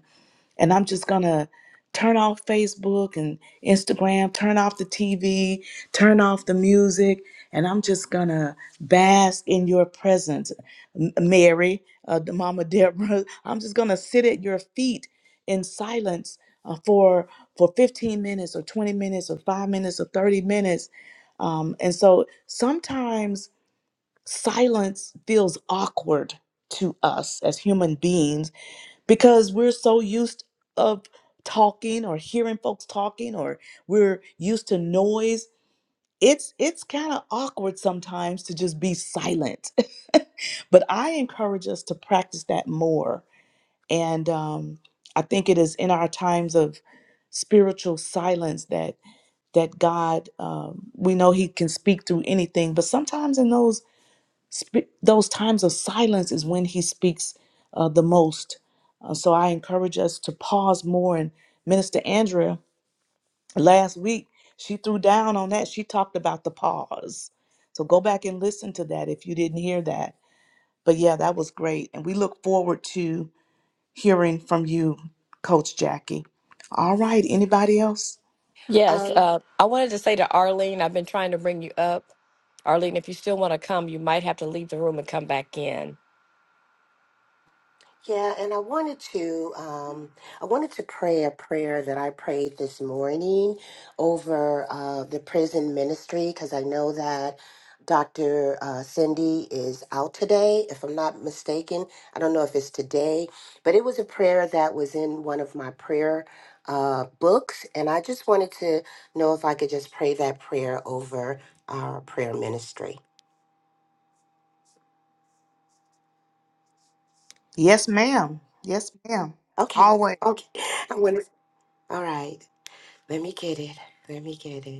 and I'm just gonna turn off Facebook and Instagram, turn off the TV, turn off the music, and I'm just gonna bask in your presence, M- Mary, uh, the Mama Deborah. I'm just gonna sit at your feet in silence uh, for for 15 minutes or 20 minutes or five minutes or 30 minutes. Um, and so sometimes silence feels awkward to us as human beings because we're so used of talking or hearing folks talking or we're used to noise it's it's kind of awkward sometimes to just be silent but i encourage us to practice that more and um, i think it is in our times of spiritual silence that that god um, we know he can speak through anything but sometimes in those Sp- those times of silence is when he speaks uh, the most. Uh, so I encourage us to pause more. And Minister Andrea, last week, she threw down on that. She talked about the pause. So go back and listen to that if you didn't hear that. But yeah, that was great. And we look forward to hearing from you, Coach Jackie. All right, anybody else? Yes, Um, uh, I wanted to say to Arlene, I've been trying to bring you up. Arlene, if you still want to come, you might have to leave the room and come back in. Yeah, and I wanted to um, I wanted to pray a prayer that I prayed this morning over uh, the prison ministry because I know that Dr. Uh, Cindy is out today, if I'm not mistaken. I don't know if it's today, but it was a prayer that was in one of my prayer uh, books, and I just wanted to know if I could just pray that prayer over our prayer ministry. Yes, ma'am. Yes, ma'am. Okay, Always. okay, I want. to. All right, let me get it. Let me get it.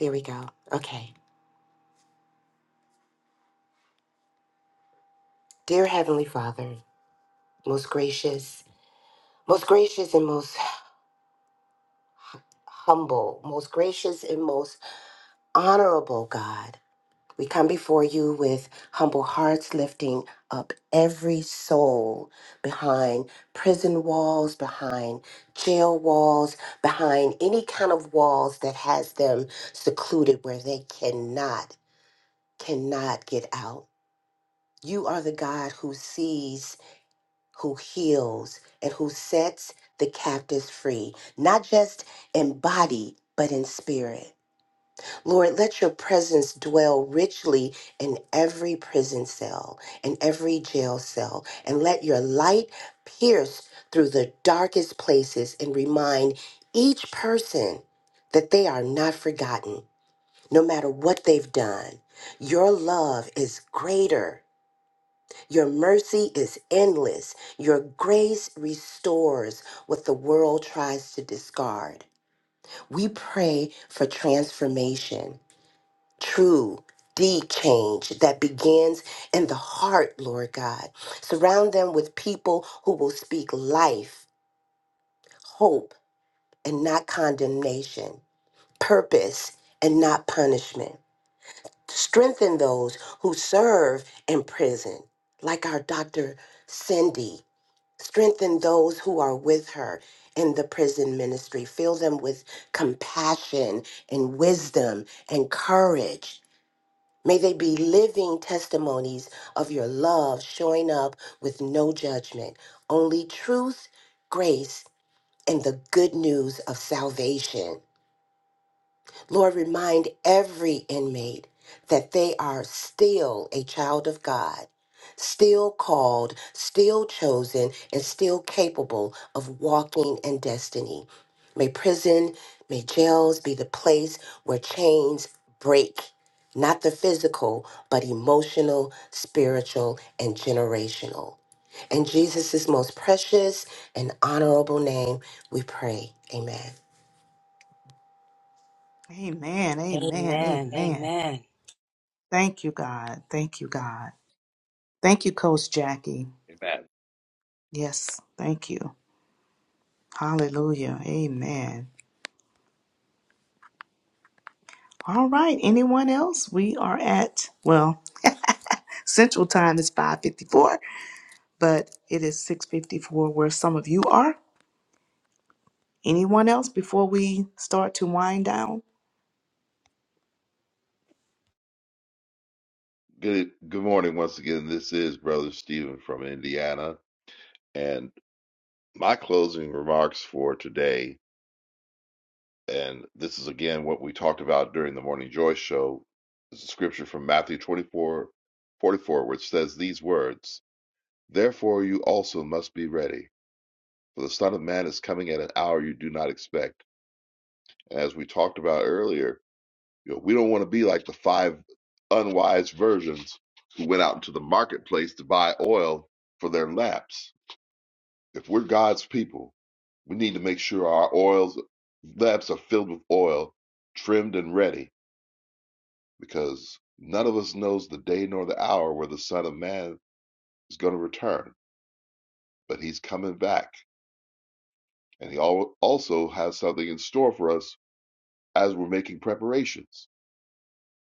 There we go. Okay. Dear Heavenly Father, most gracious, most gracious and most humble, most gracious and most honorable God, we come before you with humble hearts, lifting up every soul behind prison walls, behind jail walls, behind any kind of walls that has them secluded where they cannot, cannot get out. You are the God who sees who heals and who sets the captives free, not just in body, but in spirit. Lord, let your presence dwell richly in every prison cell, in every jail cell, and let your light pierce through the darkest places and remind each person that they are not forgotten, no matter what they've done. Your love is greater your mercy is endless. Your grace restores what the world tries to discard. We pray for transformation, true, deep change that begins in the heart, Lord God. Surround them with people who will speak life, hope, and not condemnation, purpose, and not punishment. Strengthen those who serve in prison, like our Dr. Cindy Strengthen those who are with her in the prison ministry. Fill them with compassion and wisdom and courage. May they be living testimonies of your love, showing up with no judgment, only truth, grace, and the good news of salvation. Lord, remind every inmate that they are still a child of God, still called, still chosen, and still capable of walking in destiny. May prison, may jails be the place where chains break, not the physical, but emotional, spiritual, and generational. In Jesus' most precious and honorable name, we pray. Amen. Amen. Amen. Amen. Amen. Amen. Thank you, God. Thank you, God. Thank you, Coach Jackie. Yes, thank you. Hallelujah. Amen. All right. Anyone else? We are at, well, Central Time is 5:54, but it is 6:54 where some of you are. Anyone else before we start to wind down? Good good morning once again. This is Brother Stephen from Indiana, and my closing remarks for today, and this is again what we talked about during the Morning Joy show, is a scripture from Matthew 24 44, which says these words, Therefore you also must be ready, for the Son of Man is coming at an hour you do not expect. And as we talked about earlier, you know, we don't want to be like the five unwise virgins who went out into the marketplace to buy oil for their lamps If we're God's people, we need to make sure our oils lamps are filled with oil, trimmed and ready, because none of us knows the day nor the hour where the Son of Man is going to return. But He's coming back, and He also has something in store for us as we're making preparations.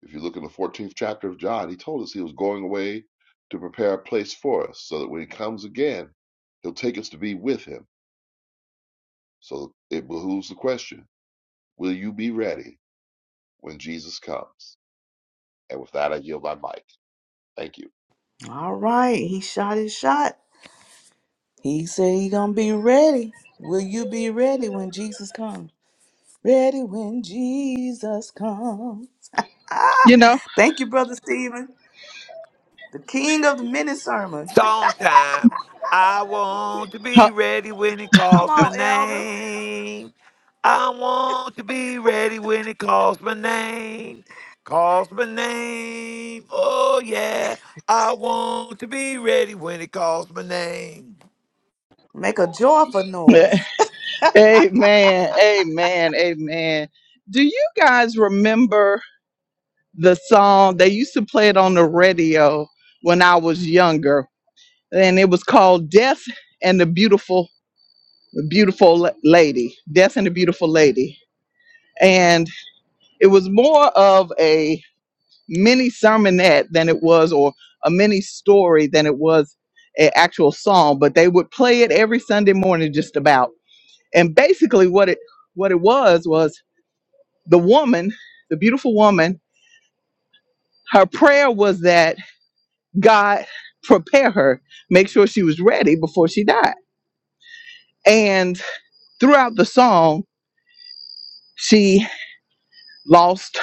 If you look in the 14th chapter of John, He told us He was going away to prepare a place for us, so that when He comes again, He'll take us to be with Him. So it behooves the question: Will you be ready? when Jesus comes. And with that, I yield my mic. Thank you. All right, he shot his shot. He said he gonna be ready. Will you be ready when Jesus comes? Ready when Jesus comes. Ah, You know, thank you, brother Stephen, the king of the mini sermon. Song time. I want to be huh? ready when it Come calls my on, elder, name. I want to be ready when it calls my name. Calls my name. Oh, yeah. I want to be ready when it calls my name. make a joyful noise. Amen. Amen. Amen. Do you guys remember the song they used to play it on the radio when I was younger? And it was called Death and the Beautiful Beautiful La- Lady. Death and the Beautiful Lady. And it was more of a mini sermonette than it was or a mini story than it was an actual song, but they would play it every Sunday morning just about. And basically what it what it was was the woman, the beautiful woman, her prayer was that God prepare her, make sure she was ready before she died. And throughout the song, she lost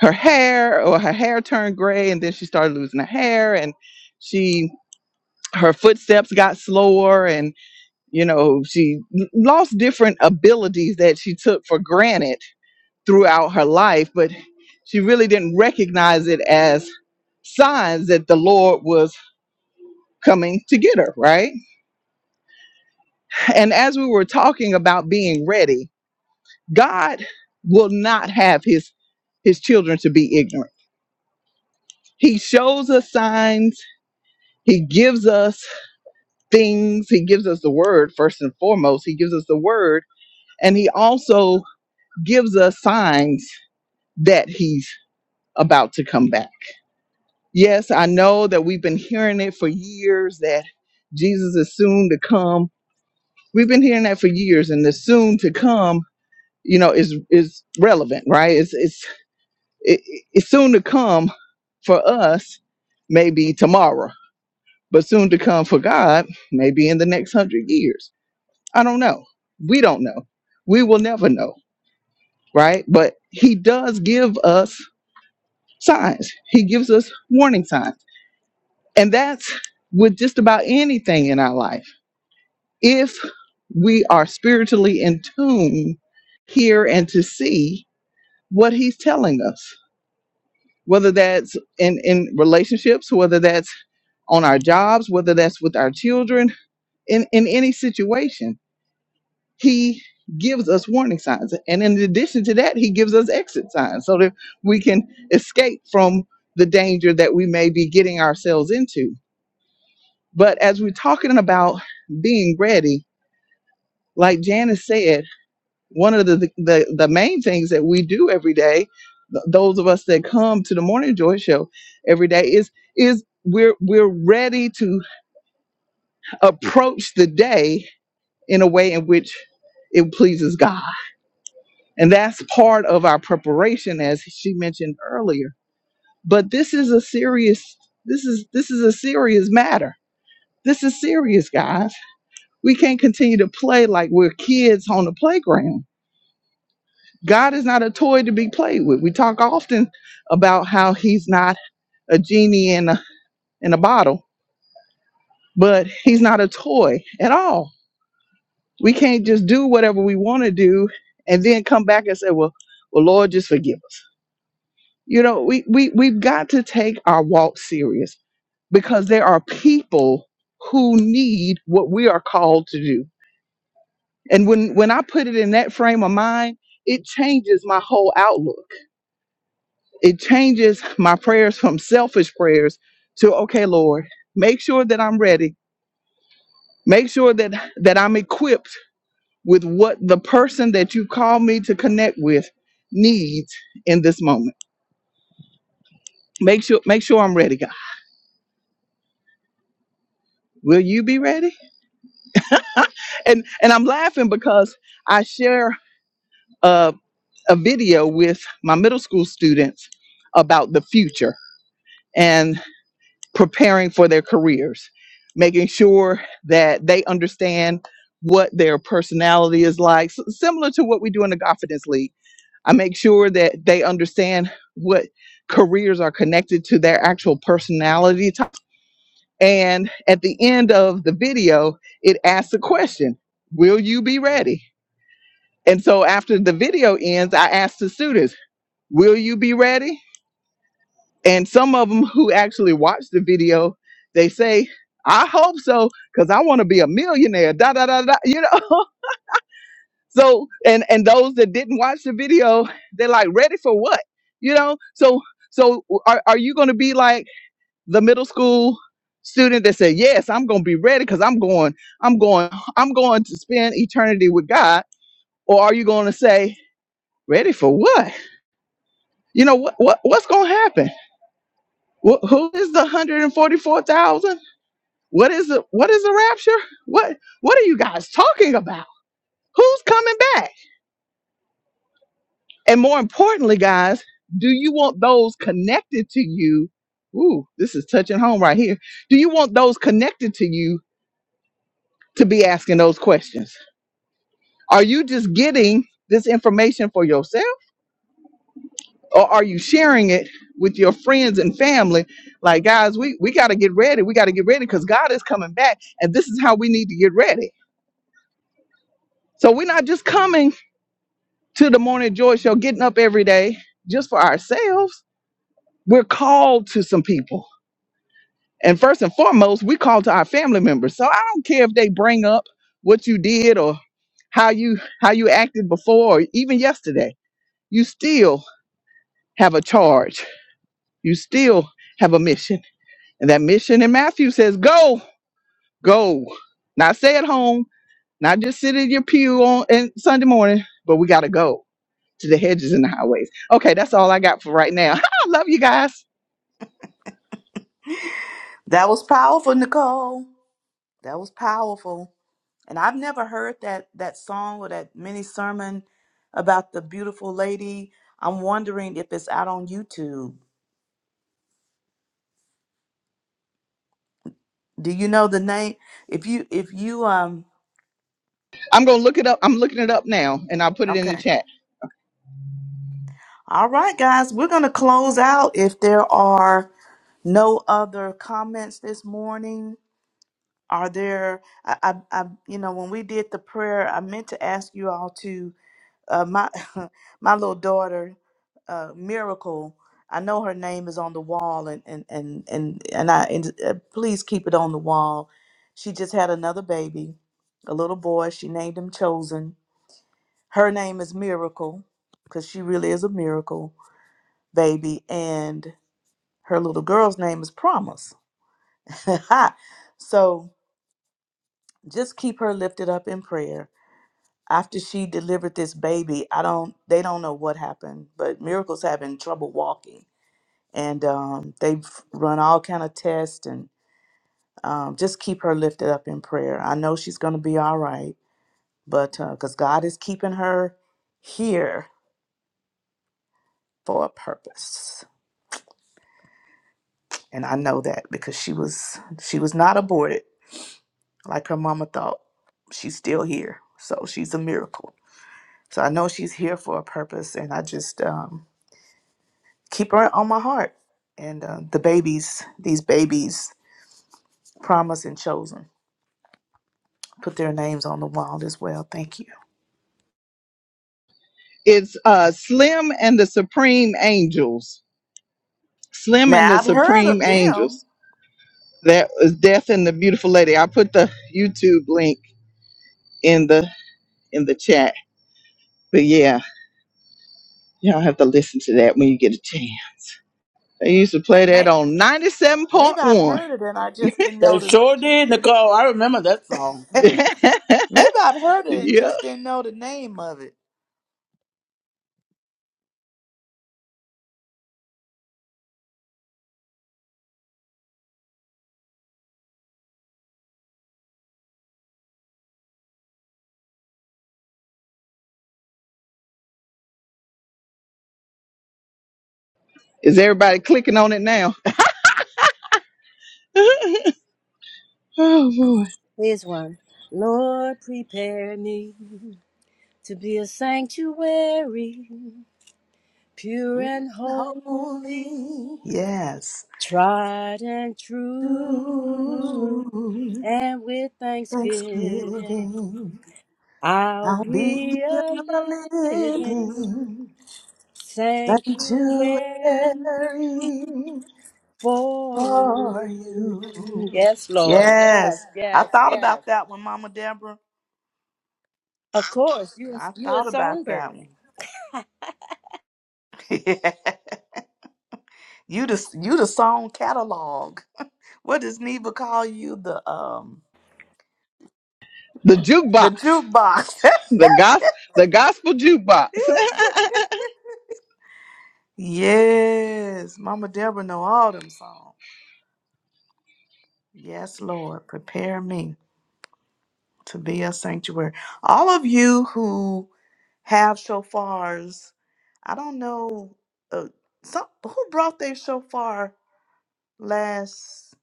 her hair or her hair turned gray and then she started losing her hair and she her footsteps got slower and you know she l- lost different abilities that she took for granted throughout her life but she really didn't recognize it as signs that the lord was coming to get her, right? And as we were talking about being ready, God will not have his his children to be ignorant. He shows us signs, he gives us things, he gives us the word first and foremost, he gives us the word and he also gives us signs that he's about to come back. Yes, I know that we've been hearing it for years that Jesus is soon to come. We've been hearing that for years and the soon to come you know is is relevant right it's it's it, it's soon to come for us maybe tomorrow but soon to come for god maybe in the next hundred years i don't know we don't know we will never know right but he does give us signs he gives us warning signs and that's with just about anything in our life if we are spiritually in tune hear and to see what he's telling us whether that's in, in relationships, whether that's on our jobs, whether that's with our children, in, in any situation, he gives us warning signs. And in addition to that, he gives us exit signs so that we can escape from the danger that we may be getting ourselves into. But as we're talking about being ready, like Janice said, one of the, the the main things that we do every day th- those of us that come to the morning joy show every day is is we're we're ready to approach the day in a way in which it pleases God and that's part of our preparation as she mentioned earlier but this is a serious this is this is a serious matter this is serious guys we can't continue to play like we're kids on the playground God is not a toy to be played with. We talk often about how he's not a genie in a, in a bottle, but he's not a toy at all. We can't just do whatever we want to do and then come back and say, well, well, Lord, just forgive us. You know, we, we, we've got to take our walk serious because there are people who need what we are called to do. And when, when I put it in that frame of mind, it changes my whole outlook It changes my prayers from selfish prayers to, okay, Lord, make sure that I'm ready. Make sure that, that I'm equipped with what the person that you call me to connect with needs in this moment. Make sure, make sure I'm ready, God. Will you be ready? and and I'm laughing because I share a, a video with my middle school students about the future, and. preparing for their careers, making sure that they understand what their personality is like, S- similar to what we do in the Confidence League. I make sure that they understand what careers are connected to their actual personality. type. And at the end of the video, it asks a question Will you be ready? And so after the video ends, I ask the students, Will you be ready? And some of them who actually watch the video, they say, I hope so, because I want to be a millionaire. Da da da da. You know? So and and those that didn't watch the video, they're like, ready for what? You know? So so are, are you gonna be like the middle school student that said, Yes, I'm gonna be ready because I'm going, I'm going, I'm going to spend eternity with God? Or are you gonna say, ready for what? You know what what what's gonna happen? Wh- who is the 144,000? What is a what is a rapture? What what are you guys talking about? Who's coming back? And more importantly, guys, do you want those connected to you? Ooh, this is touching home right here. Do you want those connected to you to be asking those questions? Are you just getting this information for yourself or are you sharing it with your friends and family? Like, guys, we, we got to get ready. We got to get ready because God is coming back and this is how we need to get ready. So we're not just coming to the morning joy show, getting up every day just for ourselves. We're called to some people. And first and foremost, we call to our family members. So I don't care if they bring up what you did or how you how you acted before or even yesterday. You still have a charge. You still have a mission. And that mission in Matthew says, go, go. Not stay at home, not just sit in your pew on and Sunday morning, but we gotta go. to the hedges and the highways. Okay, that's all I got for right now. I love you guys. That was powerful, Nicole. That was powerful. And I've never heard that that song or that mini sermon about the beautiful lady. I'm wondering if it's out on YouTube. Do you know the name? If you if you um I'm gonna look it up. I'm looking it up now, and I'll put it in the okay. chat. All right guys, we're going to close out if there are no other comments this morning. Are there I, I I you know when we did the prayer, I meant to ask you all to uh, my my little daughter uh, miracle i know her name is on the wall and and and and, and i and, uh, please keep it on the wall she just had another baby a little boy she named him chosen her name is miracle because she really is a miracle baby and her little girl's name is promise so just keep her lifted up in prayer after she delivered this baby, I don't they don't know what happened, but Miracle's having trouble walking, and um, they've run all kind of tests and um, just keep her lifted up in prayer. I know she's going to be all right, but because God is keeping her here for a purpose, and I know that because she was she was not aborted like her mama thought. She's still here, so she's a miracle. So I know she's here for a purpose, and I just um, keep her on my heart. And uh, the babies, these babies, promised and chosen, put their names on the wall as well. Thank you. It's uh, Slim and the Supreme Angels. Slim and Now the I've heard Supreme of them, Angels. That was Death and the Beautiful Lady. I put the YouTube link in the in the chat. But yeah, y'all have to listen to that when you get a chance. They used to play and that may- on maybe I've 97.1. heard it, and I just didn't They know sure the. did, Nicole. I remember that song. Mm. maybe I've heard it and Yeah. just didn't know the name of it. Is everybody clicking on it now? oh boy. Here's one. Lord, prepare me to be a sanctuary, pure and You're holy, holy. Yes. tried and true. Through And with thanksgiving, Thanksgiving, I'll I'll be be a a living living Sanctuary sanctuary. for for you. you. Yes, Lord. Yes, Yes, I yes, thought yes. about that one, Mama Deborah. Of course, you a, I you a thought about that songbird. one. you the you the song catalog. What does Neva call you? The um The the jukebox. jukebox. The gos the gospel jukebox. yes, Mama Deborah know all them songs. Yes, Lord, prepare me. to be a sanctuary. All of you who have shofars, I don't know uh, some who brought their shofar last.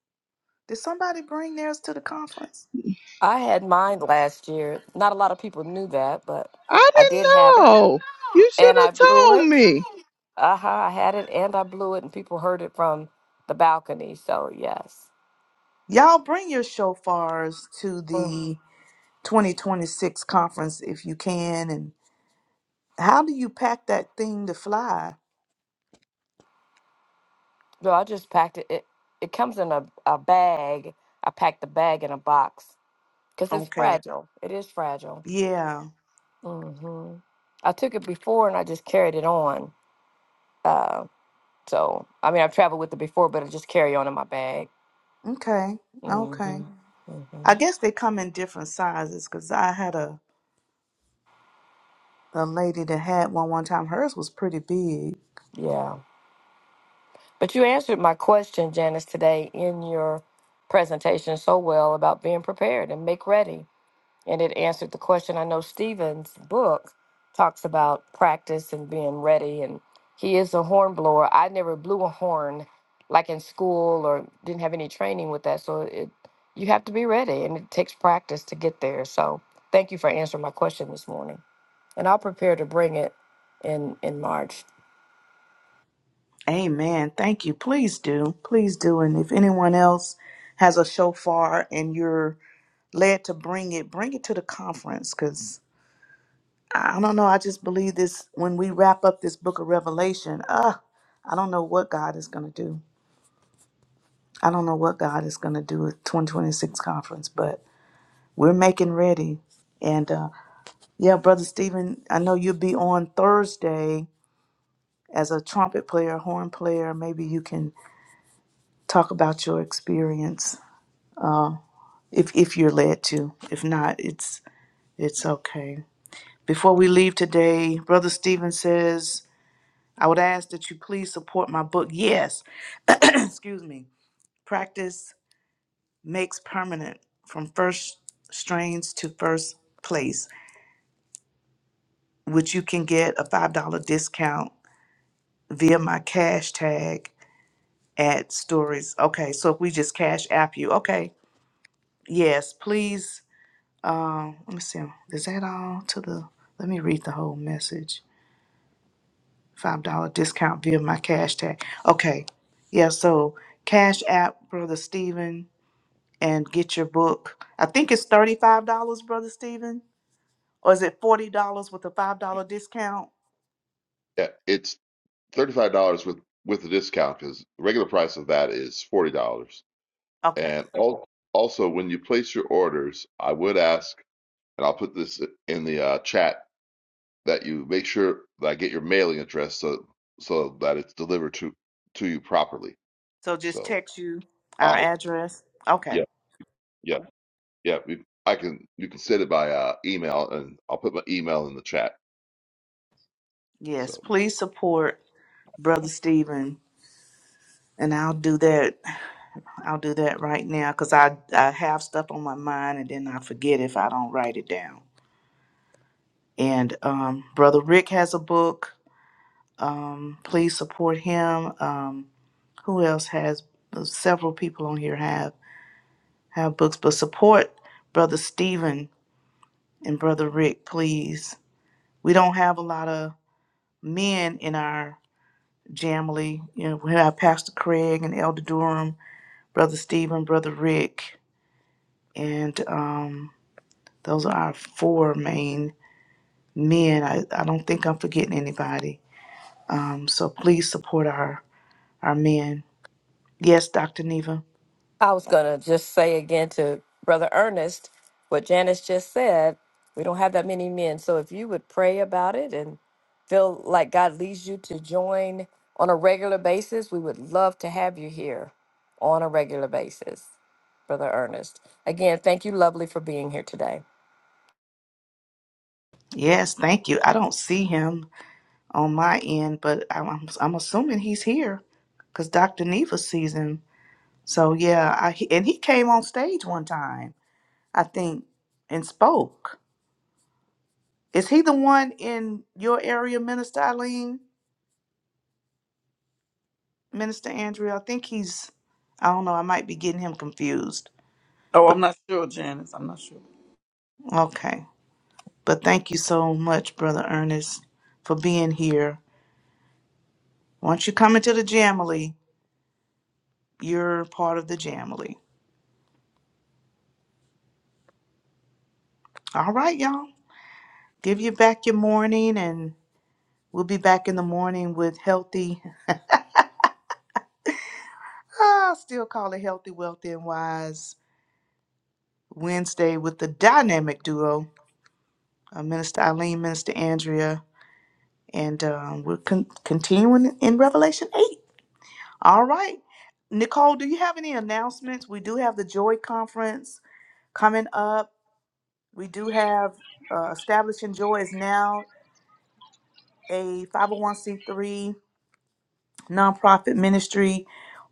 Did somebody bring theirs to the conference? I had mine last year. Not a lot of people knew that, but I I did have it didn't know. You should and have I blew told it. me. Uh huh. I had it and I blew it, and people heard it from the balcony. So, yes. Y'all bring your shofars to Mm. the 2026 conference if you can. And how do you pack that thing to fly? No, I just packed it. It, it comes in a, a bag. I packed the bag in a box because it's Okay. fragile. It is fragile. Yeah. hmm I took it before and I just carried it on. Uh, so I mean, I've traveled with it before, but I just carry on in my bag. Okay. hmm Okay. hmm I guess they come in different sizes because I had a The lady that had one one time, hers was pretty big. Yeah, but you answered my question, Janice, today in your presentation so well about being prepared and make ready. and it answered the question. I know Stephen's book talks about practice and being ready, and he is a horn blower. I never blew a horn like in school or didn't have any training with that, so it you have to be ready, and it takes practice to get there. So thank you for answering my question this morning, and I'll prepare to bring it in in March. Amen. Thank you. Please do. Please do. And if anyone else has a shofar and you're led to bring it, bring it to the conference because I don't know. I just believe this when we wrap up this book of Revelation, uh, I don't know what God is going to do. I don't know what God is going to do at 2026 conference, but we're making ready. And uh, yeah, Brother Stephen, I know you'll be on Thursday as a trumpet player, horn player, maybe you can talk about your experience if if you're led to. If not, it's it's okay. Before we leave today, Brother Stephen says, I would ask that you please support my book. Yes. Excuse me. Practice makes permanent from first strains to first place, which you can get a $5 discount via my cash tag at stories. Okay, so if we just cash app you, okay Yes, please. Um, let me see. Is that all to the? Let me read the whole message. Five dollar discount via my cash tag. Okay. Yeah. So cash app, brother Stephen, and get your book. I think it's thirty five dollars, brother Stephen, or is it forty dollars with a five dollar discount? Yeah, it's thirty-five dollars with with the discount because the regular price of that is forty dollars. Okay. And al- also, when you place your orders, I would ask, and I'll put this in the uh, chat, that you make sure that I get your mailing address so so that it's delivered to to you properly. So just So, text you our I'll address. Okay. yeah, yeah, yeah. we- I can you can send it by uh, email, and I'll put my email in the chat. Yes. So. Please support brother Stephen, and I'll do that I'll do that right now because I, I have stuff on my mind and then I forget if I don't write it down. And um, Brother Rick has a book. Um, please support him. Um, who else has? uh, Several people on here have have books, but support Brother Stephen and Brother Rick, please. We don't have a lot of men in our family. You know, we have Pastor Craig and Elder Durham, Brother Stephen, Brother Rick, and. um, Those are our four main men. I, I don't think I'm forgetting anybody. Um, so please support our, our men. Yes, Dr. Neva. I was going to just say again to Brother Ernest what Janice just said. We don't have that many men. So if you would pray about it and feel like God leads you to join on a regular basis, we would love to have you here on a regular basis, Brother Ernest. Again, thank you, lovely, for being here today. Yes, thank you. I don't see him on my end, but I'm, I'm, I'm assuming he's here because Dr. Neva sees him. So yeah, I, he- and he came on stage one time, I think, and spoke. Is he the one in your area, Minister Eileen? Minister Andrea? I think he's, I don't know, I might be getting him confused Oh, I'm not sure, Janice. I'm not sure. Okay. But thank you so much, Brother Ernest, for being here. Once you come into the Jamily, you're part of the Jamily. All right, y'all. Give you back your morning, and we'll be back in the morning with healthy, I still call it healthy, wealthy, and wise Wednesday with the dynamic duo, uh, Minister Eileen, Minister Andrea, and um, we're con- continuing in Revelation 8. All right. Nicole, do you have any announcements? We do have the Joy Conference Coming up, we do have uh, Establishing Joy is now a 501c3 nonprofit ministry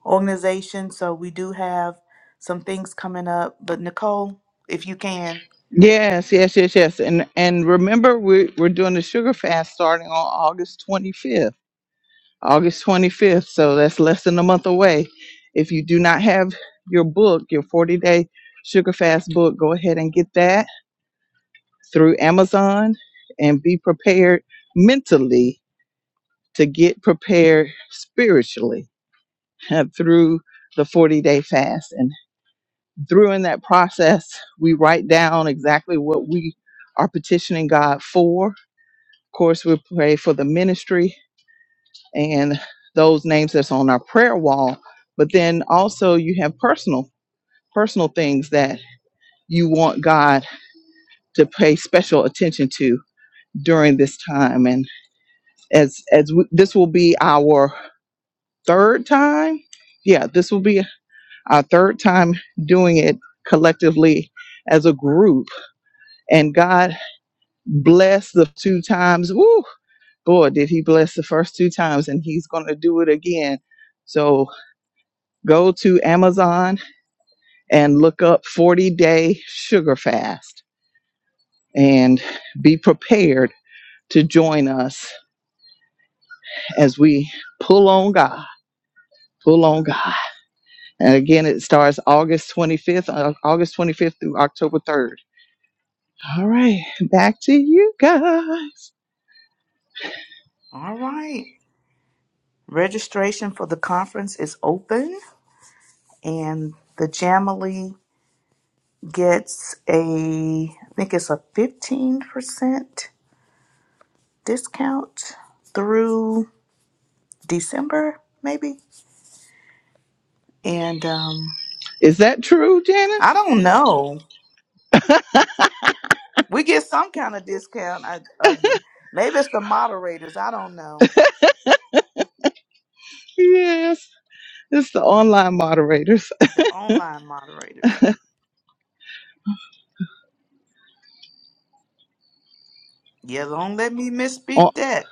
organization. So we do have some things coming up. But Nicole, if you can. Yes, yes, yes, yes. And and remember, we're we're doing the sugar fast starting on August 25th. August 25th. So that's less than a month away. If you do not have your book, your 40 day sugar fast book, go ahead and get that. through Amazon and be prepared mentally to get prepared spiritually uh, through the 40 day fast. And through in that process, we write down exactly what we are petitioning God for. Of course, we pray for the ministry and those names that's on our prayer wall. But then also you have personal, personal things that you want God to pay special attention to during this time. and. as as w- this will be our third time yeah this will be our third time doing it collectively as a group and god blessed the two times Woo, boy did he bless the first two times and he's going to do it again so go to amazon and look up 40 day sugar fast and be prepared to join us as we pull on god pull on god And again, it starts August 25th, uh, August 25th through October 3rd. All right, back to you guys. All right. Registration for the conference is open, and the Jamily gets a, I think it's a 15% discount through December, maybe. And, um. Is that true, I Janice? don't know. We get some kind of discount. I, uh, the, maybe it's the moderators. I don't know. Yes, it's the online moderators. The online moderators. Yeah, don't let me Oh, misspeak that.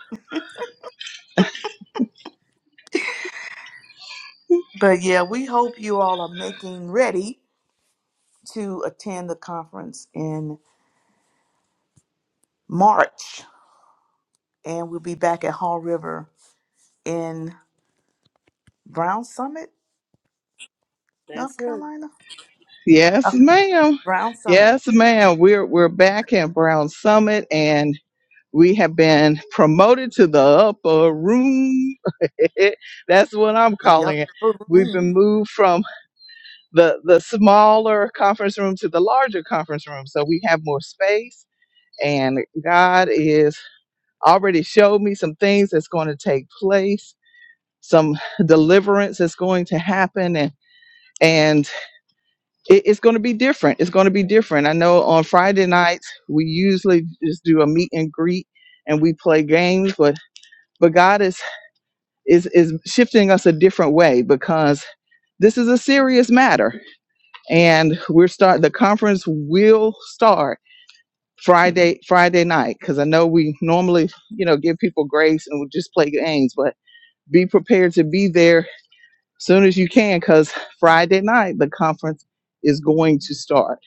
But yeah, we hope you all are making ready to attend the conference in March. And we'll be back at Hall River in Brown Summit, North That's it. Carolina. Yes, Uh, ma'am. Brown Summit. Yes, ma'am. We're we're back at Brown Summit and we have been promoted to the upper room. That's what I'm Yep. calling it. We've been moved from the the smaller conference room to the larger conference room. So we have more space and God is already showed me some things that's going to take place, some deliverance that's going to happen and and it, it's going to be different. It's going to be different. I know on Friday nights we usually just do a meet and greet and we play games, but but God is is is shifting us a different way because this is a serious matter, and we're start the conference will start Friday Friday night because I know we normally you know give people grace and we just play games, but be prepared to be there as soon as you can because Friday night the conference is going to start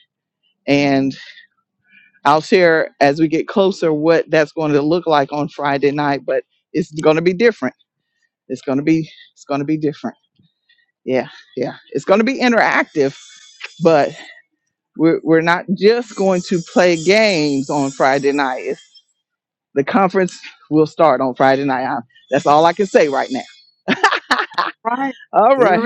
and. I'll share as we get closer what that's going to look like on Friday night, but it's going to be different. It's going to be it's going to be different. Yeah, yeah. It's going to be interactive, but we're we're not just going to play games on Friday night. It's, the conference will start on Friday night. I, that's all I can say right now. Right. All Get right.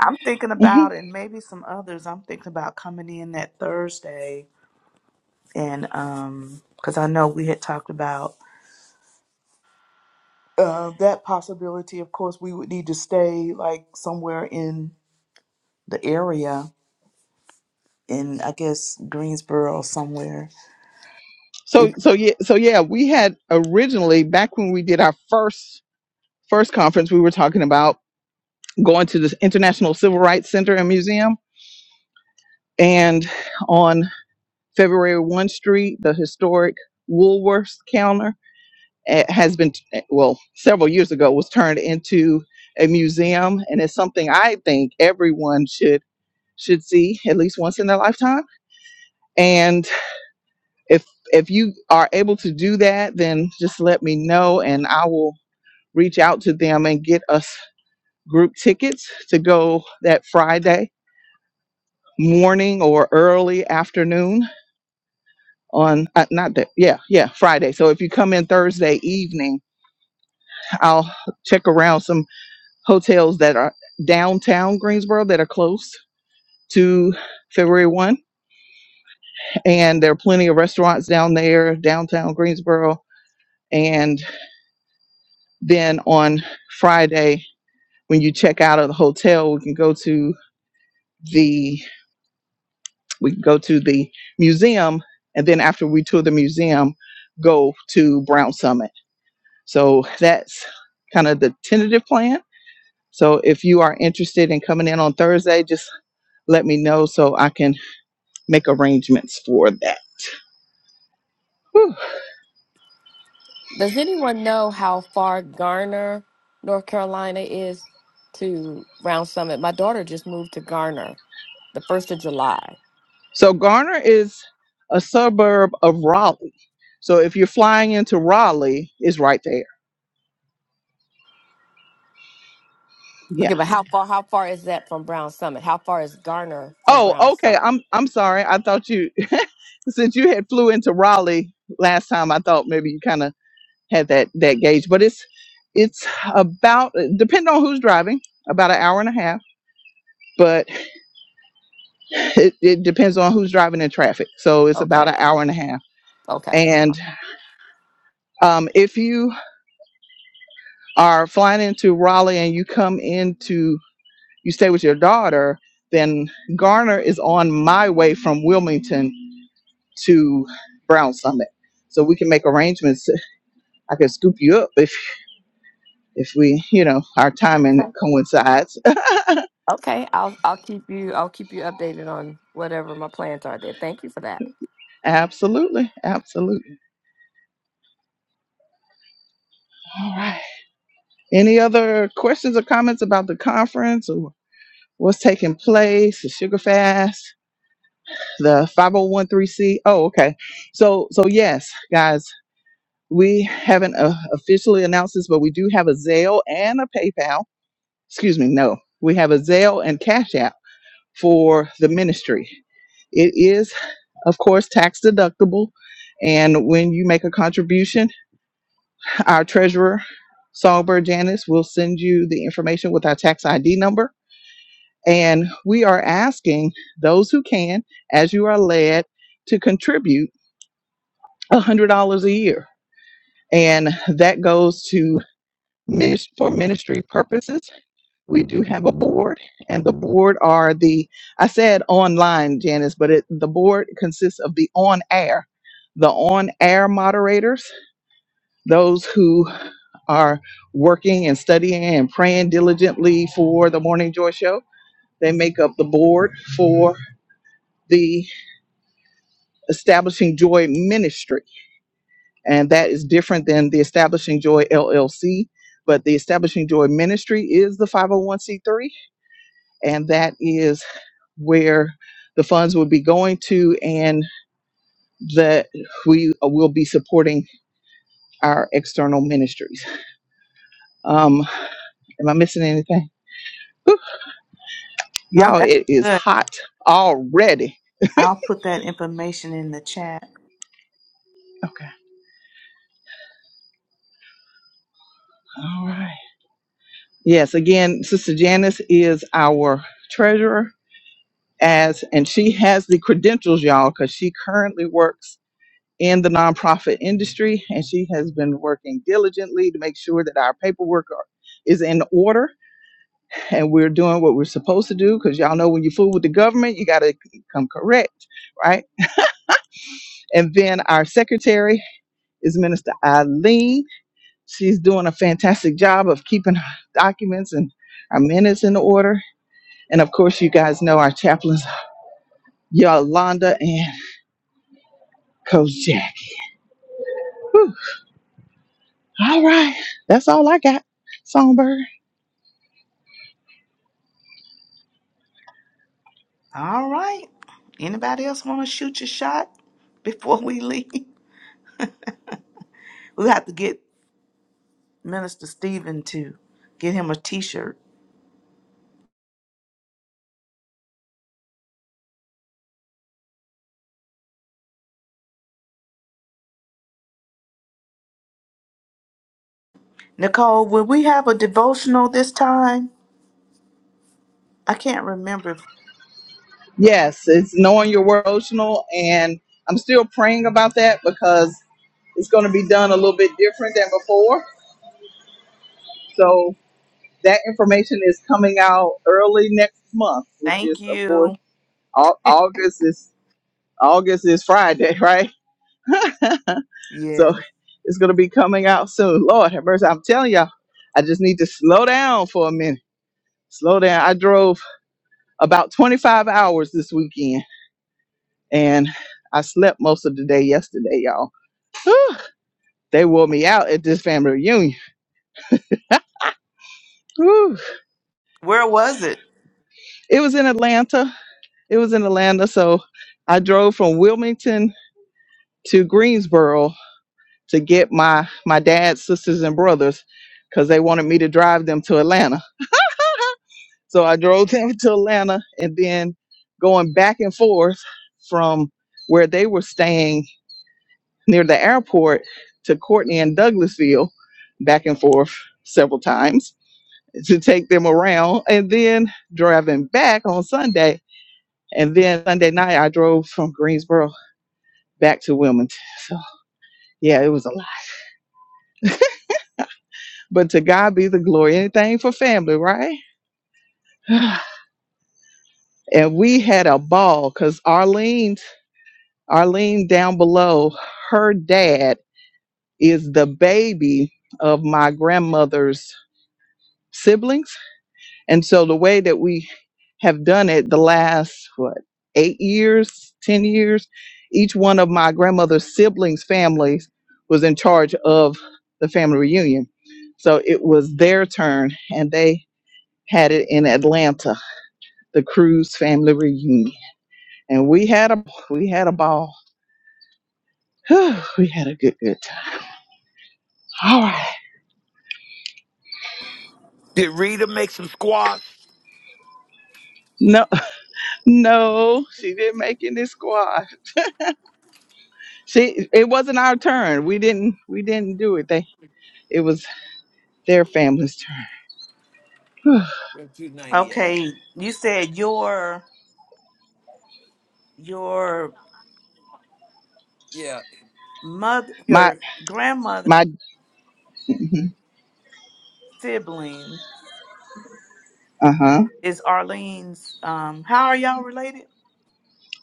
I'm thinking Mhm. about and maybe some others. I'm thinking about coming in that Thursday and um because I know we had talked about uh, that possibility. Of course, we would need to stay like somewhere in the area in I guess Greensboro somewhere. If, So so yeah so yeah we had originally back when we did our first first conference we were talking about going to this International Civil Rights Center and Museum and on February 1 Street, the historic Woolworths counter eh, has been, eh, well, several years ago, was turned into a museum, and it's something I think everyone should should see at least once in their lifetime. And if if you are able to do that, then just let me know, and I will reach out to them and get us group tickets to go that Friday morning or early afternoon on uh, not that yeah yeah friday so if you come in thursday evening i'll check around some hotels that are downtown greensboro that are close to february 1 and there are plenty of restaurants down there downtown greensboro and then on friday when you check out of the hotel we can go to the we can go to the museum and then after we tour the museum go to brown summit so that's kind of the tentative plan So if you are interested in coming in on Thursday, just let me know so I can make arrangements for that. Whew. Does anyone know how far Garner, North Carolina is to Round Summit? My daughter just moved to Garner the 1st of July. So Garner is a suburb of Raleigh. So if you're flying into Raleigh, it's right there. Yeah. Okay, but how far how far is that from Brown Summit? How far is Garner from Oh, Brown okay. Summit? I'm I'm sorry. I thought you since you had flew into Raleigh last time, I thought maybe you kind of had that that gauge. But it's it's about depending on who's driving, about an hour and a half. But it, it depends on who's driving in traffic. So it's Okay. about an hour and a half. Okay. And um, if you are flying into Raleigh and you come into you stay with your daughter, then Garner is on my way from Wilmington to Brown Summit. So we can make arrangements. I can scoop you up if if we, you know, our timing Okay. coincides. Okay. I'll I'll keep you I'll keep you updated on whatever my plans are there. Thank you for that. absolutely. Absolutely. All right. Any other questions or comments about the conference or what's taking place, the sugar fast, the 5013C? Oh, one three C? Oh, okay. So so yes, guys, we haven't uh, officially announced this, but we do have a Zelle and a PayPal. Excuse me, no. We have a Zelle and Cash App for the ministry. It is, of course, tax deductible. And when you make a contribution, our treasurer, Songbird Janice, will send you the information with our tax ID number. And we are asking those who can, as you are led, to contribute $100 a year. And that goes to minis- for ministry purposes. we do have a board and the board are the i said online janice but it, the board consists of the on air the on air moderators those who are working and studying and praying diligently for the morning joy show they make up the board for the establishing joy ministry and that is different than the establishing joy llc but the establishing joy ministry is the 501c3 and that is where the funds would be going to and that we uh, will be supporting our external ministries. Um, am I missing anything? Whew, oh, y'all, that's it is good. hot already. I'll put that information in the chat. Okay. All right. Yes, again, Sister Janice is our treasurer as and she has the credentials, y'all, because she currently works in the nonprofit industry and she has been working diligently to make sure that our paperwork are, is in order and we're doing what we're supposed to do because y'all know when you fool with the government, you got to come correct, right? And then our secretary is Minister Eileen. She's doing a fantastic job of keeping our documents and our minutes in order. And of course, you guys know our chaplains, Yolanda and Coach Jack. Whew. All right, that's all I got. Songbird. All right. Anybody else want to shoot your shot before we leave? We'll have to get Minister Stephen to get him a T-shirt. Nicole, will we have a devotional this time? I can't remember. Yes, it's knowing your word emotional, and I'm still praying about that because it's going to be done a little bit different than before. So that information is coming out early next month, which Thank is of course you. Au- August is August is Friday, right? Yes. so it's going to be coming out soon. Lord have mercy, I'm telling y'all, I just need to slow down for a minute. Slow down. I drove about 25 hours this weekend And I slept most of the day yesterday, y'all. Whew, they wore me out at this family reunion. Whew. Where was it? It was in Atlanta. It was in Atlanta. So I drove from Wilmington to Greensboro to get my, my dad's sisters and brothers because they wanted me to drive them to Atlanta. So I drove them to Atlanta and then going back and forth from where they were staying near the airport to Courtney and Douglasville, back and forth several times to take them around and then driving back on Sunday. And then Sunday night, I drove from Greensboro back to Wilmington. So, yeah, it was a lot. But to God be the glory. Anything for family, right? And we had a ball because Arlene, Arlene down below, her dad is the baby of my grandmother's siblings. And so the way that we have done it the last, what, eight years, 10 years, each one of my grandmother's siblings' families was in charge of the family reunion. So it was their turn, and they had it in Atlanta, the Cruz family reunion. And we had a we had a ball. Whew, we had a good good time. All right. Did Rita make some squash? No, no, she didn't make any squad. She it wasn't our turn. We didn't we didn't do it. They it was Their families. 298. Okay. You said your your Yeah. mother My your grandmother's my. Uh sibling huh. is Arlene's um how are y'all related?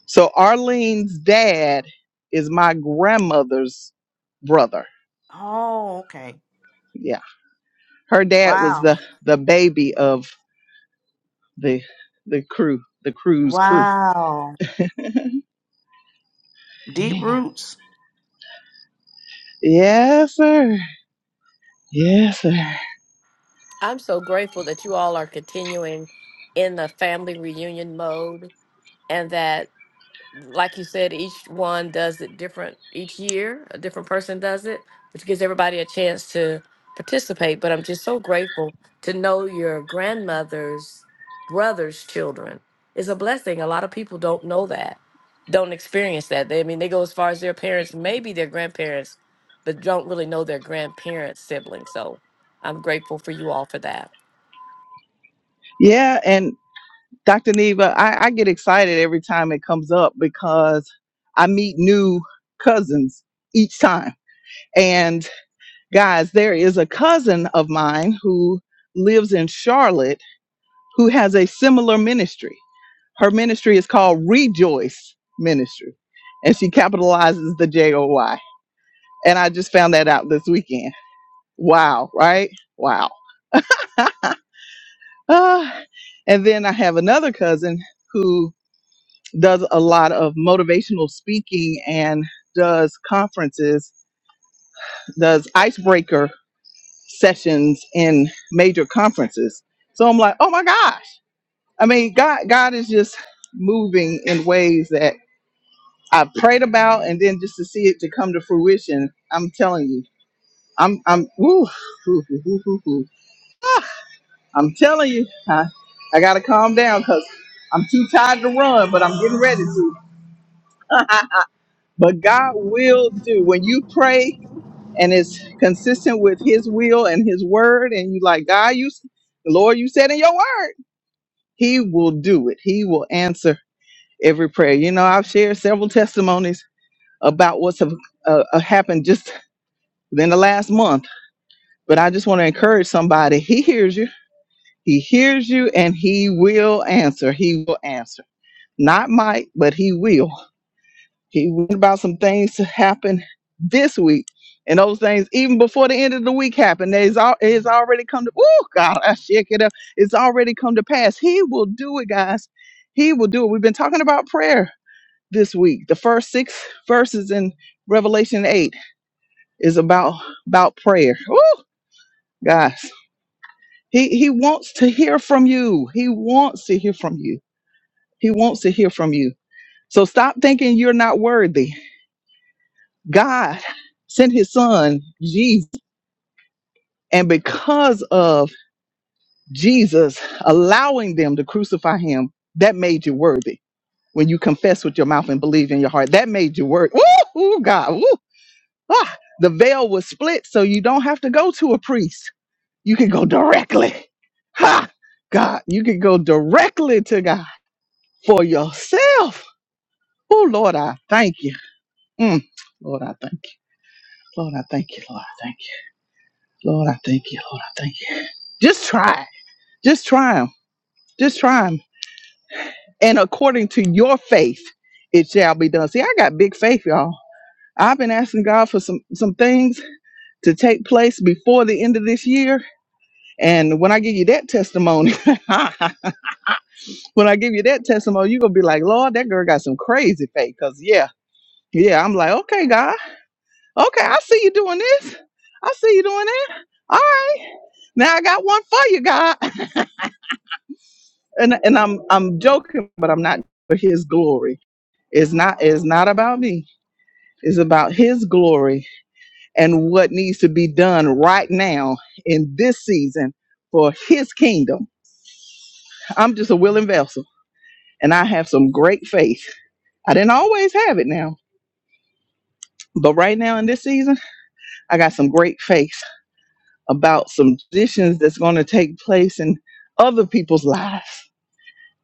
So Arlene's dad is my grandmother's brother. Oh, okay. Yeah, her dad was Wow. the the baby of the the crew, the crew's crew. Wow. Deep Yeah. roots. Yes, sir. Yes, sir. I'm so grateful that you all are continuing in the family reunion mode and that like you said, each one does it different each year. A different person does it, which gives everybody a chance to participate. But I'm just so grateful to know your grandmother's brother's children. It's a blessing. A lot of people don't know that, don't experience that. They, I mean, they go as far as their parents, maybe their grandparents, but don't really know their grandparents' siblings. So I'm grateful for you all for that. Yeah, and Dr. Neva, I, I get excited every time it comes up because I meet new cousins each time. And Guys, there is a cousin of mine who lives in Charlotte who has a similar ministry. Her ministry is called Rejoice Ministry, and she capitalizes the J O Y. And I just found that out this weekend. Wow, right? Wow. Ah, and then I have another cousin who does a lot of motivational speaking and does conferences, does icebreaker sessions in major conferences. So I'm like, oh my gosh. I mean, God, God is just moving in ways that I prayed about, and then just to see it to come to fruition, I'm telling you, I'm, I'm, woo, woo, woo, woo, woo, woo. I'm telling you, I, I gotta calm down because I'm too tired to run, but I'm getting ready to. but God will do when you pray and it's consistent with His will and His word, and you like God, you, Lord, you said in your word. He will do it. He will answer every prayer. You know, I've shared several testimonies about what's have, uh, uh, happened just within the last month, but I just want to encourage somebody. He hears you. He hears you and he will answer. He will answer. Not might, but he will. He went about some things to happen this week. And those things, even before the end of the week happened, it's, al- it's already come to, oh, God, I shake it up. It's already come to pass. He will do it, guys. He will do it. We've been talking about prayer this week. The first six verses in Revelation 8 is about, about prayer. Woo, guys. He, he wants to hear from you. He wants to hear from you. He wants to hear from you. So stop thinking you're not worthy God sent his son, Jesus. And because of Jesus allowing them to crucify him, that made you worthy. When you confess with your mouth and believe in your heart, that made you worthy. Woo, Ooh, God. Woo, ah. The veil was split, so you don't have to go to a priest. You can go directly. Ha! God, you can go directly to God for yourself. Oh, Lord, I thank you. Mm. Lord, I thank you. Lord, I thank you. Lord, I thank you. Lord, I thank you. Lord, I thank you. Just try. it. Just try them. Just try them. And according to your faith, it shall be done. See, I got big faith, y'all. I've been asking God for some some things to take place before the end of this year. And when I give you that testimony, when I give you that testimony, you're gonna be like, Lord, that girl got some crazy faith. Cause yeah, yeah, I'm like, okay, God, okay, I see you doing this. I see you doing that. All right. Now I got one for you, God. and and I'm I'm joking, but I'm not for his glory. It's not it's not about me. It's about his glory and what needs to be done right now in this season for his kingdom. I'm just a willing vessel and I have some great faith. I didn't always have it now, but right now in this season, I got some great faith about some decisions that's going to take place in other people's lives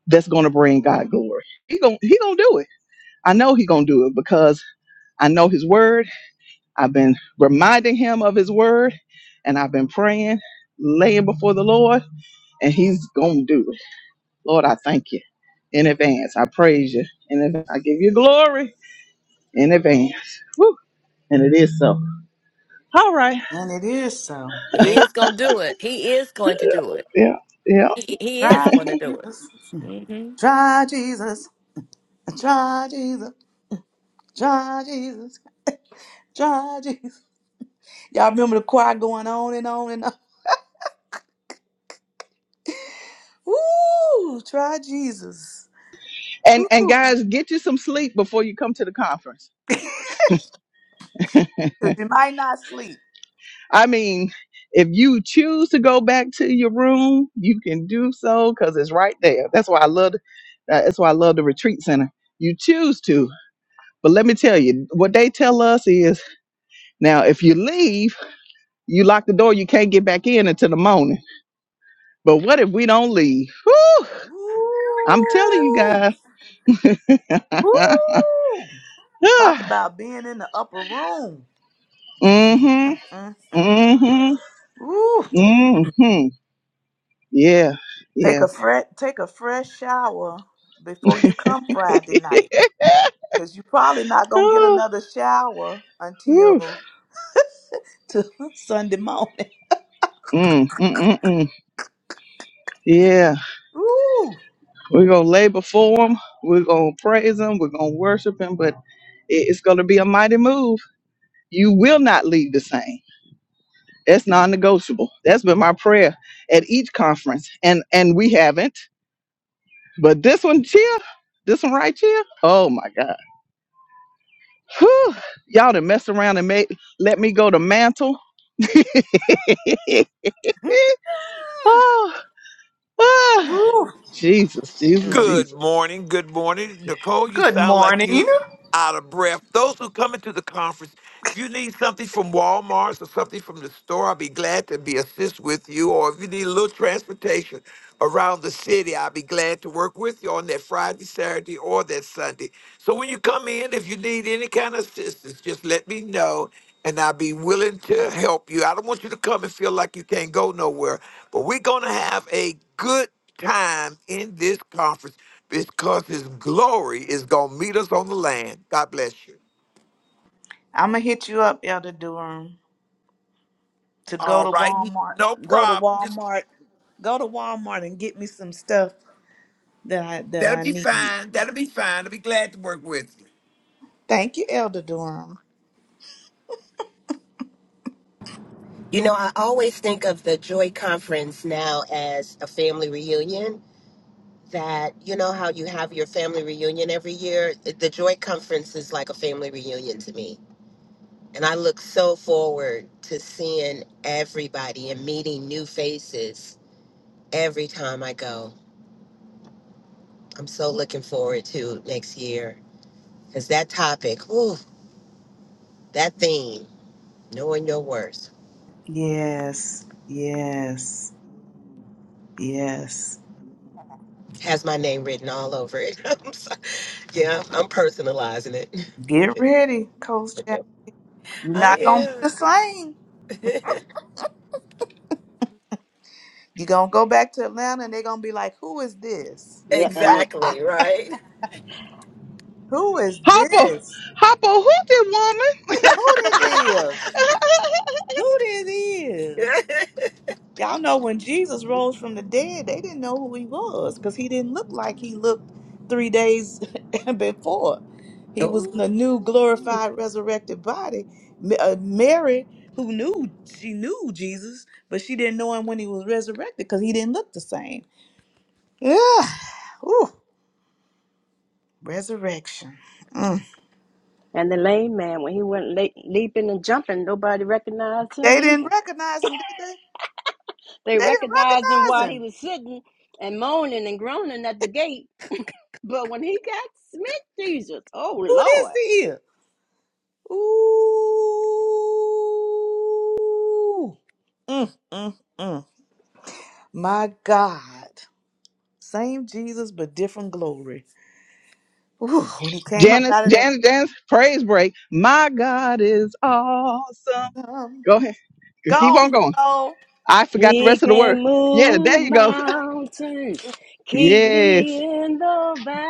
that's going to bring God glory. He gon he going to do it. I know he going to do it because I know his word. I've been reminding him of his word and I've been praying, laying before the Lord, and he's going to do it. Lord, I thank you in advance. I praise you. In advance. I give you glory in advance. Woo. And it is so. All right. And it is so. He Ain't is going to do it. He is going to do it. Yeah. Yeah. He, he is Try going to do Jesus. it. Try Jesus. Try Jesus. Try Jesus. Try Jesus. Y'all remember the choir going on and on and on. Woo! Try Jesus. And and Woo. guys, get you some sleep before you come to the conference. 'Cause you might not sleep. I mean, if you choose to go back to your room, you can do so because it's right there. That's why I love. the- uh, That's why I love the retreat center. You choose to, but let me tell you, what they tell us is now if you leave, you lock the door, you can't get back in until the morning. But what if we don't leave? Whew, I'm telling you Woo! guys. Woo! Talk about being in the upper room. mhm. Mm-mm-mm. Mhm. Woo! Mhm. Yeah. Take Yeah. a fresh take a fresh shower before you come Friday night, cause you are probably not gonna get Ah, another shower whew. until to Sunday morning. Mm, mm, mm, mm. Yeah, Woo! we're going to lay before him. We're going to praise him. We're going to worship him. But it- it's going to be a mighty move. You will not leave the same. That's non-negotiable. That's been my prayer at each conference, and and we haven't. But this one here, this one right here, oh my God, Whew. y'all done mess around and made let me go to mantle. oh, ah. Woo. Jesus, Jesus, Mm. Good Jesus. morning. Good morning. Nicole, you Good sound like you morning. out of breath. Those who come into the conference, if you need something from Walmart or something from the store, I'll be glad to be assist with you. Or if you need a little transportation around the city, I'll be glad to work with you on that Friday, Saturday, or that Sunday. So when you come in, if you need any kind of assistance, just let me know and I'll be willing to help you. I don't want you to come and feel like you can't go nowhere, but we're going to have a good time in this conference because his glory is gonna meet us on the land. God bless you. I'm gonna hit you up, Elder Durham, to go All to right, Walmart. no Go to problem. Just Walmart. Go to Walmart and get me some stuff that I that that'll I be need. fine. That'll be fine. I'll be glad to work with you. Thank you, Elder Durham. You know, I always think of the Joy Conference now as a family reunion. That, you know, how you have your family reunion every year? The Joy Conference is like a family reunion to me. And I look so forward to seeing everybody and meeting new faces every time I go. I'm so looking forward to next year because that topic, ooh, that theme, knowing your worth, Yes, yes, yes. has my name written all over it. I'm so- yeah, I'm personalizing it. Get ready, Coach Jack. You're I not gonna be the am. same. You're gonna go back to Atlanta and they're gonna be like, Who is this? Yeah, and it, exactly, right? Who is Hopper, this? Hopper, who it, woman. Who this is? Who this is? Y'all know when Jesus rose from the dead, they didn't know who he was because he didn't look like he looked three days before. He was in oh. a new glorified, resurrected body. Ma- uh, Mary, who knew, she knew Jesus, but she didn't know him when he was resurrected because he didn't look the same. Yeah. Ooh, resurrection. Mm. and the lame man when he went le leaping and jumping, nobody recognized They him didn't either. recognize him, did they? They They didn't recognized him recognize while he him. was sitting and moaning and groaning at the gate, but when he got smit, Jesus, oh Who this Lord. here? Ooh. Mm, mm, mm. My God. Same Jesus, but different glory. Ooh, when he came up Janice, out of that, Janice, Janice, praise break. My God is awesome. um, Go ahead. Keep on gone, going. go. I forgot the He rest of the word. can Yeah, there move you go. mountains, keep Yes. me in the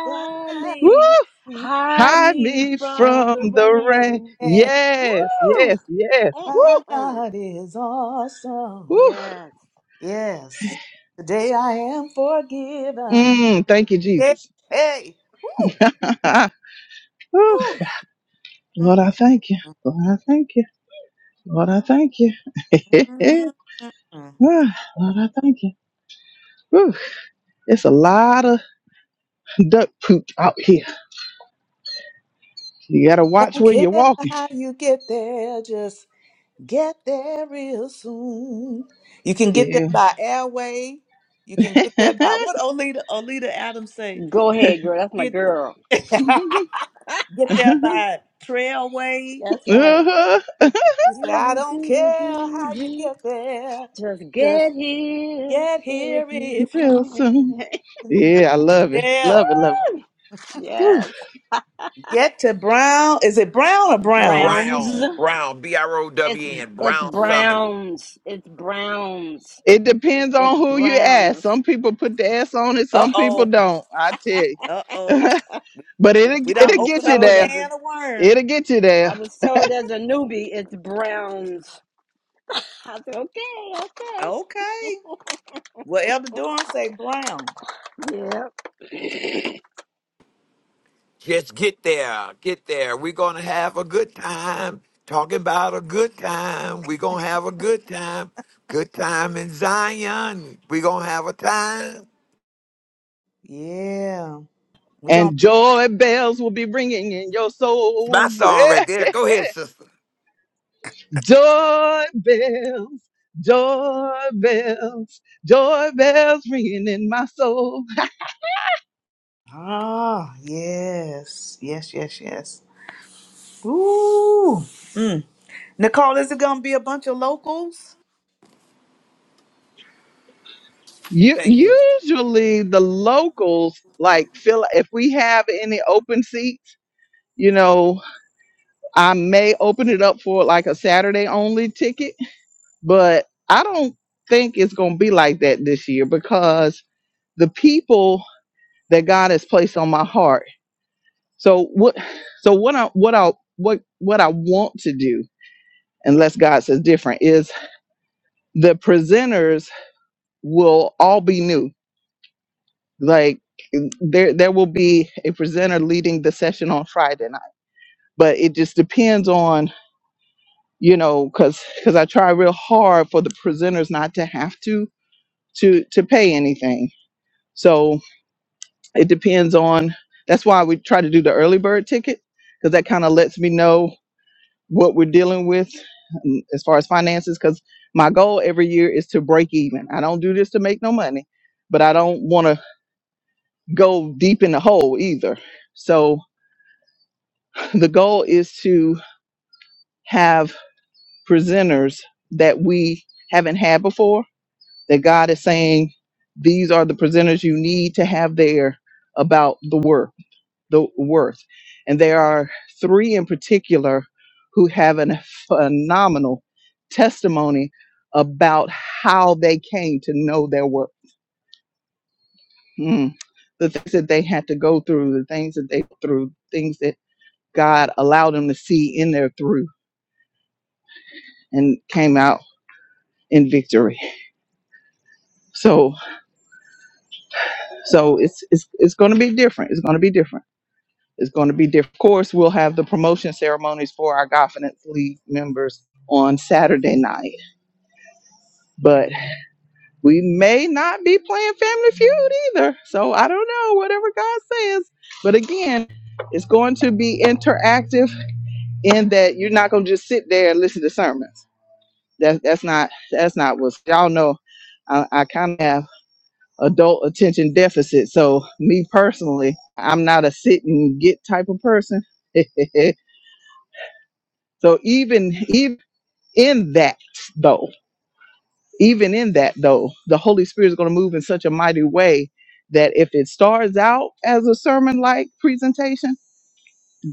Woo! hide Hide me me from from the the rain. rain. Yes, Woo! yes, yes. Uh, uh, My Woo! uh. God is awesome. Woo! Yes. Yes. Today I am forgiven. Mm, thank you, Yeah. Jesus. Hey. Woo. Woo. Woo. Lord, Mm, I thank you. mm, Lord, I thank you. Lord, I thank you. mm, mm, mm. mm. Ah, Lord, I thank you. Woo. It's a lot of duck poop out here. You gotta I watch don't where care you're walking. how you get there, just get there real soon. You can get there Yeah. by airway. You can get there by what Olita Olita Adams say. Go ahead, girl. That's my Get girl. get there by trailway. That's right. Uh-huh. You say, Do, I do, don't do, do, care do, how you do. get there. Just get Just here get if here you if you Real can. soon. Woo! can. Yeah, I love it. Yeah. Love it, love it. Whew. Yes. Get to Brown. Is it Brown or Browns? Browns. Brown, Brown, B R O It's W N, it's Brown Summit. Browns. It's Browns. It depends It's on who you ask. Browns. Some people put the S on it, Uh some people oh. don't. I tell you. Uh oh. but it'll We don't I it'll was get open you up a told there. as a can of worm. It'll get you I there. was told as a newbie it's Browns. I said okay, Okay. Well, Elder Durham say Brown. okay. Yep. Just get there, get there. We're gonna have a good time. Talking about a good time. We're gonna have a good time. Good time in Zion. We're gonna have a time. Yeah. We're going And to. joy bells will be ringing in your It's my soul. song right there. Go ahead, sister. Doorbells, doorbells, doorbells ringing in my soul. Ah, yes. Yes, yes, yes. Ooh. Mm. Nicole, is it going to be a bunch of locals? You, Thank you. usually the locals like fill if we have any open seats, you know, I may open it up for like a Saturday only ticket, but I don't think it's going to be like that this year because the people that God has placed on my heart. So what so what I what I what what I want to do unless God says different, is the presenters will all be new. Like there there will be a presenter leading the session on Friday night. But it just depends on, you know, cause because I try real hard for the presenters not to have to to to pay anything. So it depends on that's why we try to do the early bird ticket, because that kind of lets me know what we're dealing with mm, as far as finances because my goal every year is to break even i don't do this to make no money but i don't want to go deep in the hole either so the goal is to have presenters that we haven't had before that god is saying these are the presenters you need to have there about the word. the worth. And there are three in particular who have a phenomenal testimony about how they came to know their worth. Mm. The things that they had to go through, the things that they through, things that God allowed them to see in their through and came out in victory. So so it's it's it's gonna be different. It's gonna be different. It's gonna be different. Of course we'll have the promotion ceremonies for our confidence league members on Saturday night but. we may not be playing Family Feud either. So I don't know, whatever God says. But again, it's going to be interactive in that you're not going to just sit there and listen to sermons. That, that's not that's not what y'all know. I, I kind of have adult attention deficit. So me personally, I'm not a sit and get type of person. so even even in that though. even in that though the holy spirit is going to move in such a mighty way that if it starts out as a sermon like presentation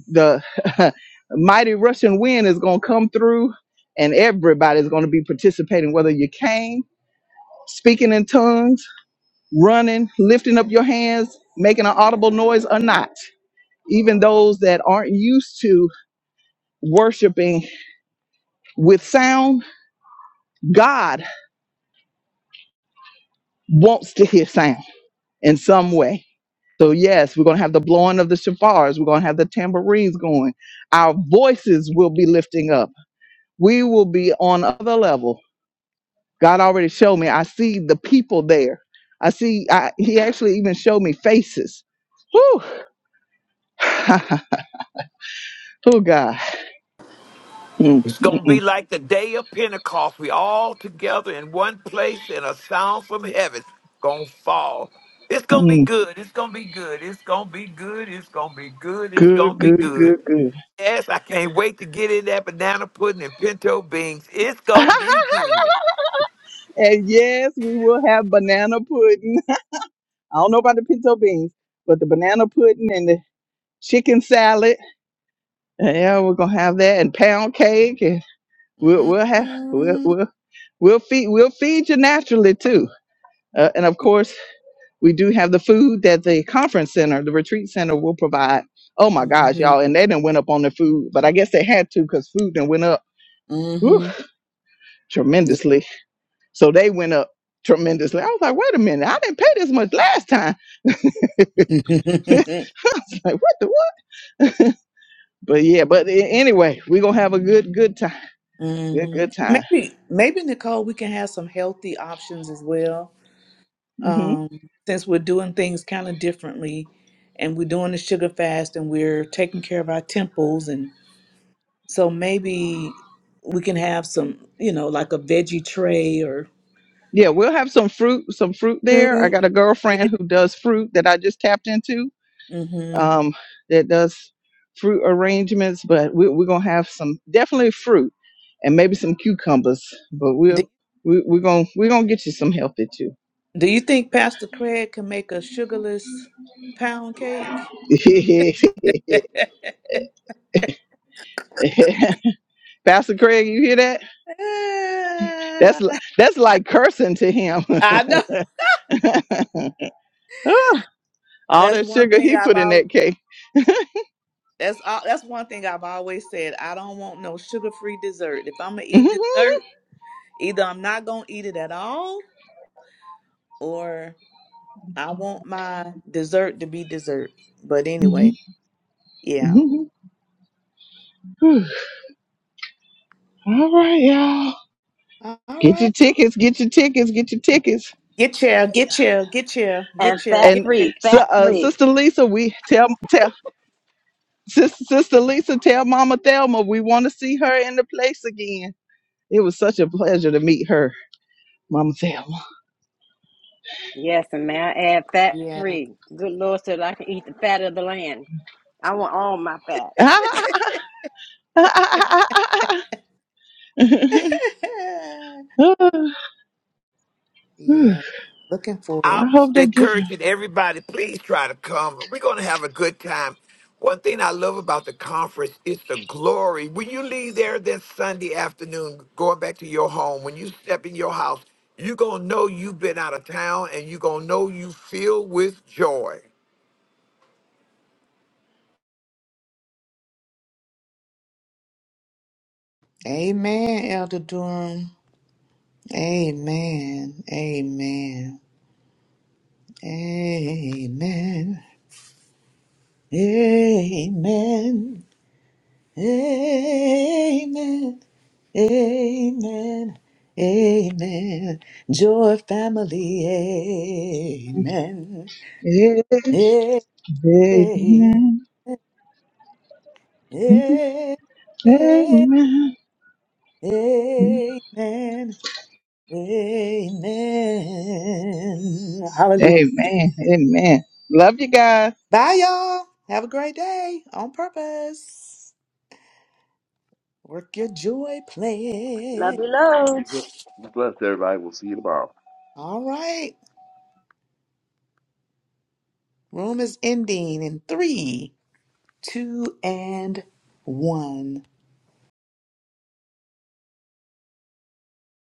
the mighty russian wind is going to come through and everybody's going to be participating whether you came speaking in tongues running lifting up your hands making an audible noise or not even those that aren't used to worshiping with sound god wants to hear sound in some way So yes, we're gonna have the blowing of the shafars. We're gonna have the tambourines going. Our voices will be lifting up. We will be on another level. God already showed me. I see the people there. I see. I, he actually even showed me faces. Whew. oh God. Mm, It's mm, going to mm, be like the day of Pentecost. We all together in one place and a sound from heaven going to fall. It's going to be mm. good. It's going to be good. It's going to be good. It's going to be good. It's Good, going to be good, good. good, good. Yes, I can't wait to get in that banana pudding and pinto beans. It's going to be good. and yes, we will have banana pudding. I don't know about the pinto beans, but the banana pudding and the chicken salad Yeah, we're gonna have that and pound cake, and we'll we'll have we'll Mm-hmm. we'll we'll feed we'll feed you naturally too. Uh, and of course, we do have the food that the conference center, the retreat center, will provide. Oh my gosh, Mm-hmm. y'all! And they didn't went up on the food, but I guess they had to because food then went up whew, Mm-hmm. tremendously. So they went up tremendously. I was like, wait a minute, I didn't pay this much last time. I was like, what the what? but yeah, but a- anyway, we're gonna have a good good time, good hmm good time. Maybe, maybe Nicole, we can have some healthy options as well. Mm-hmm. um, since we're doing things kind of differently and we're doing the sugar fast and we're taking care of our temples and so maybe we can have some you know like a veggie tray or Yeah, we'll have some fruit, some fruit there. I fruit got a girlfriend who does fruit that I just tapped into, mm-hmm. um, that does fruit arrangements, but we, we're gonna have some definitely fruit and maybe some cucumbers. But do, we'll we, we're gonna we're gonna get you some healthy too. do you think pastor craig can make a sugarless pound cake Pastor Craig, you hear that? That's li- that's like cursing to him. i know All that's that one sugar thing he i've put in always that cake. That's all, that's one thing I've always said. I don't want no sugar-free dessert. If I'm gonna eat dessert, either I'm not gonna eat it at all, or I want my dessert to be dessert. But anyway, yeah. All right, y'all. All Get your right. tickets, get your tickets, get your tickets. Get chill, get chill, get chill, get and chill, fat get And chill. free, so, fat uh, free. Sister Lisa, we tell tell Sister, Sister Lisa, tell Mama Thelma we want to see her in the place again. It was such a pleasure to meet her, Mama Thelma. Yes, and may I add fat Yeah. free. Good Lord said I can eat the fat of the land. I want all my fat. yeah. Looking forward. I I'm hope they get encouraging everybody, please try to come. We're going to have a good time. One thing I love about the conference is the glory. When you leave there this Sunday afternoon, going back to your home, when you step in your house, you're going to know you've been out of town and you're going to know you feel with joy. Amen, Elder Durham. Amen. Amen. Amen. Amen. Amen. Amen. Amen. Joy family. Amen. her. Amen. Amen. Amen. Amen. Amen. amen. Hallelujah. Amen. Amen. Love you guys. Bye, y'all. Have a great day on purpose. Work your joy Love plan. you loads. Be blessed, everybody. We'll see you tomorrow. All right. Room is ending in three. two and one.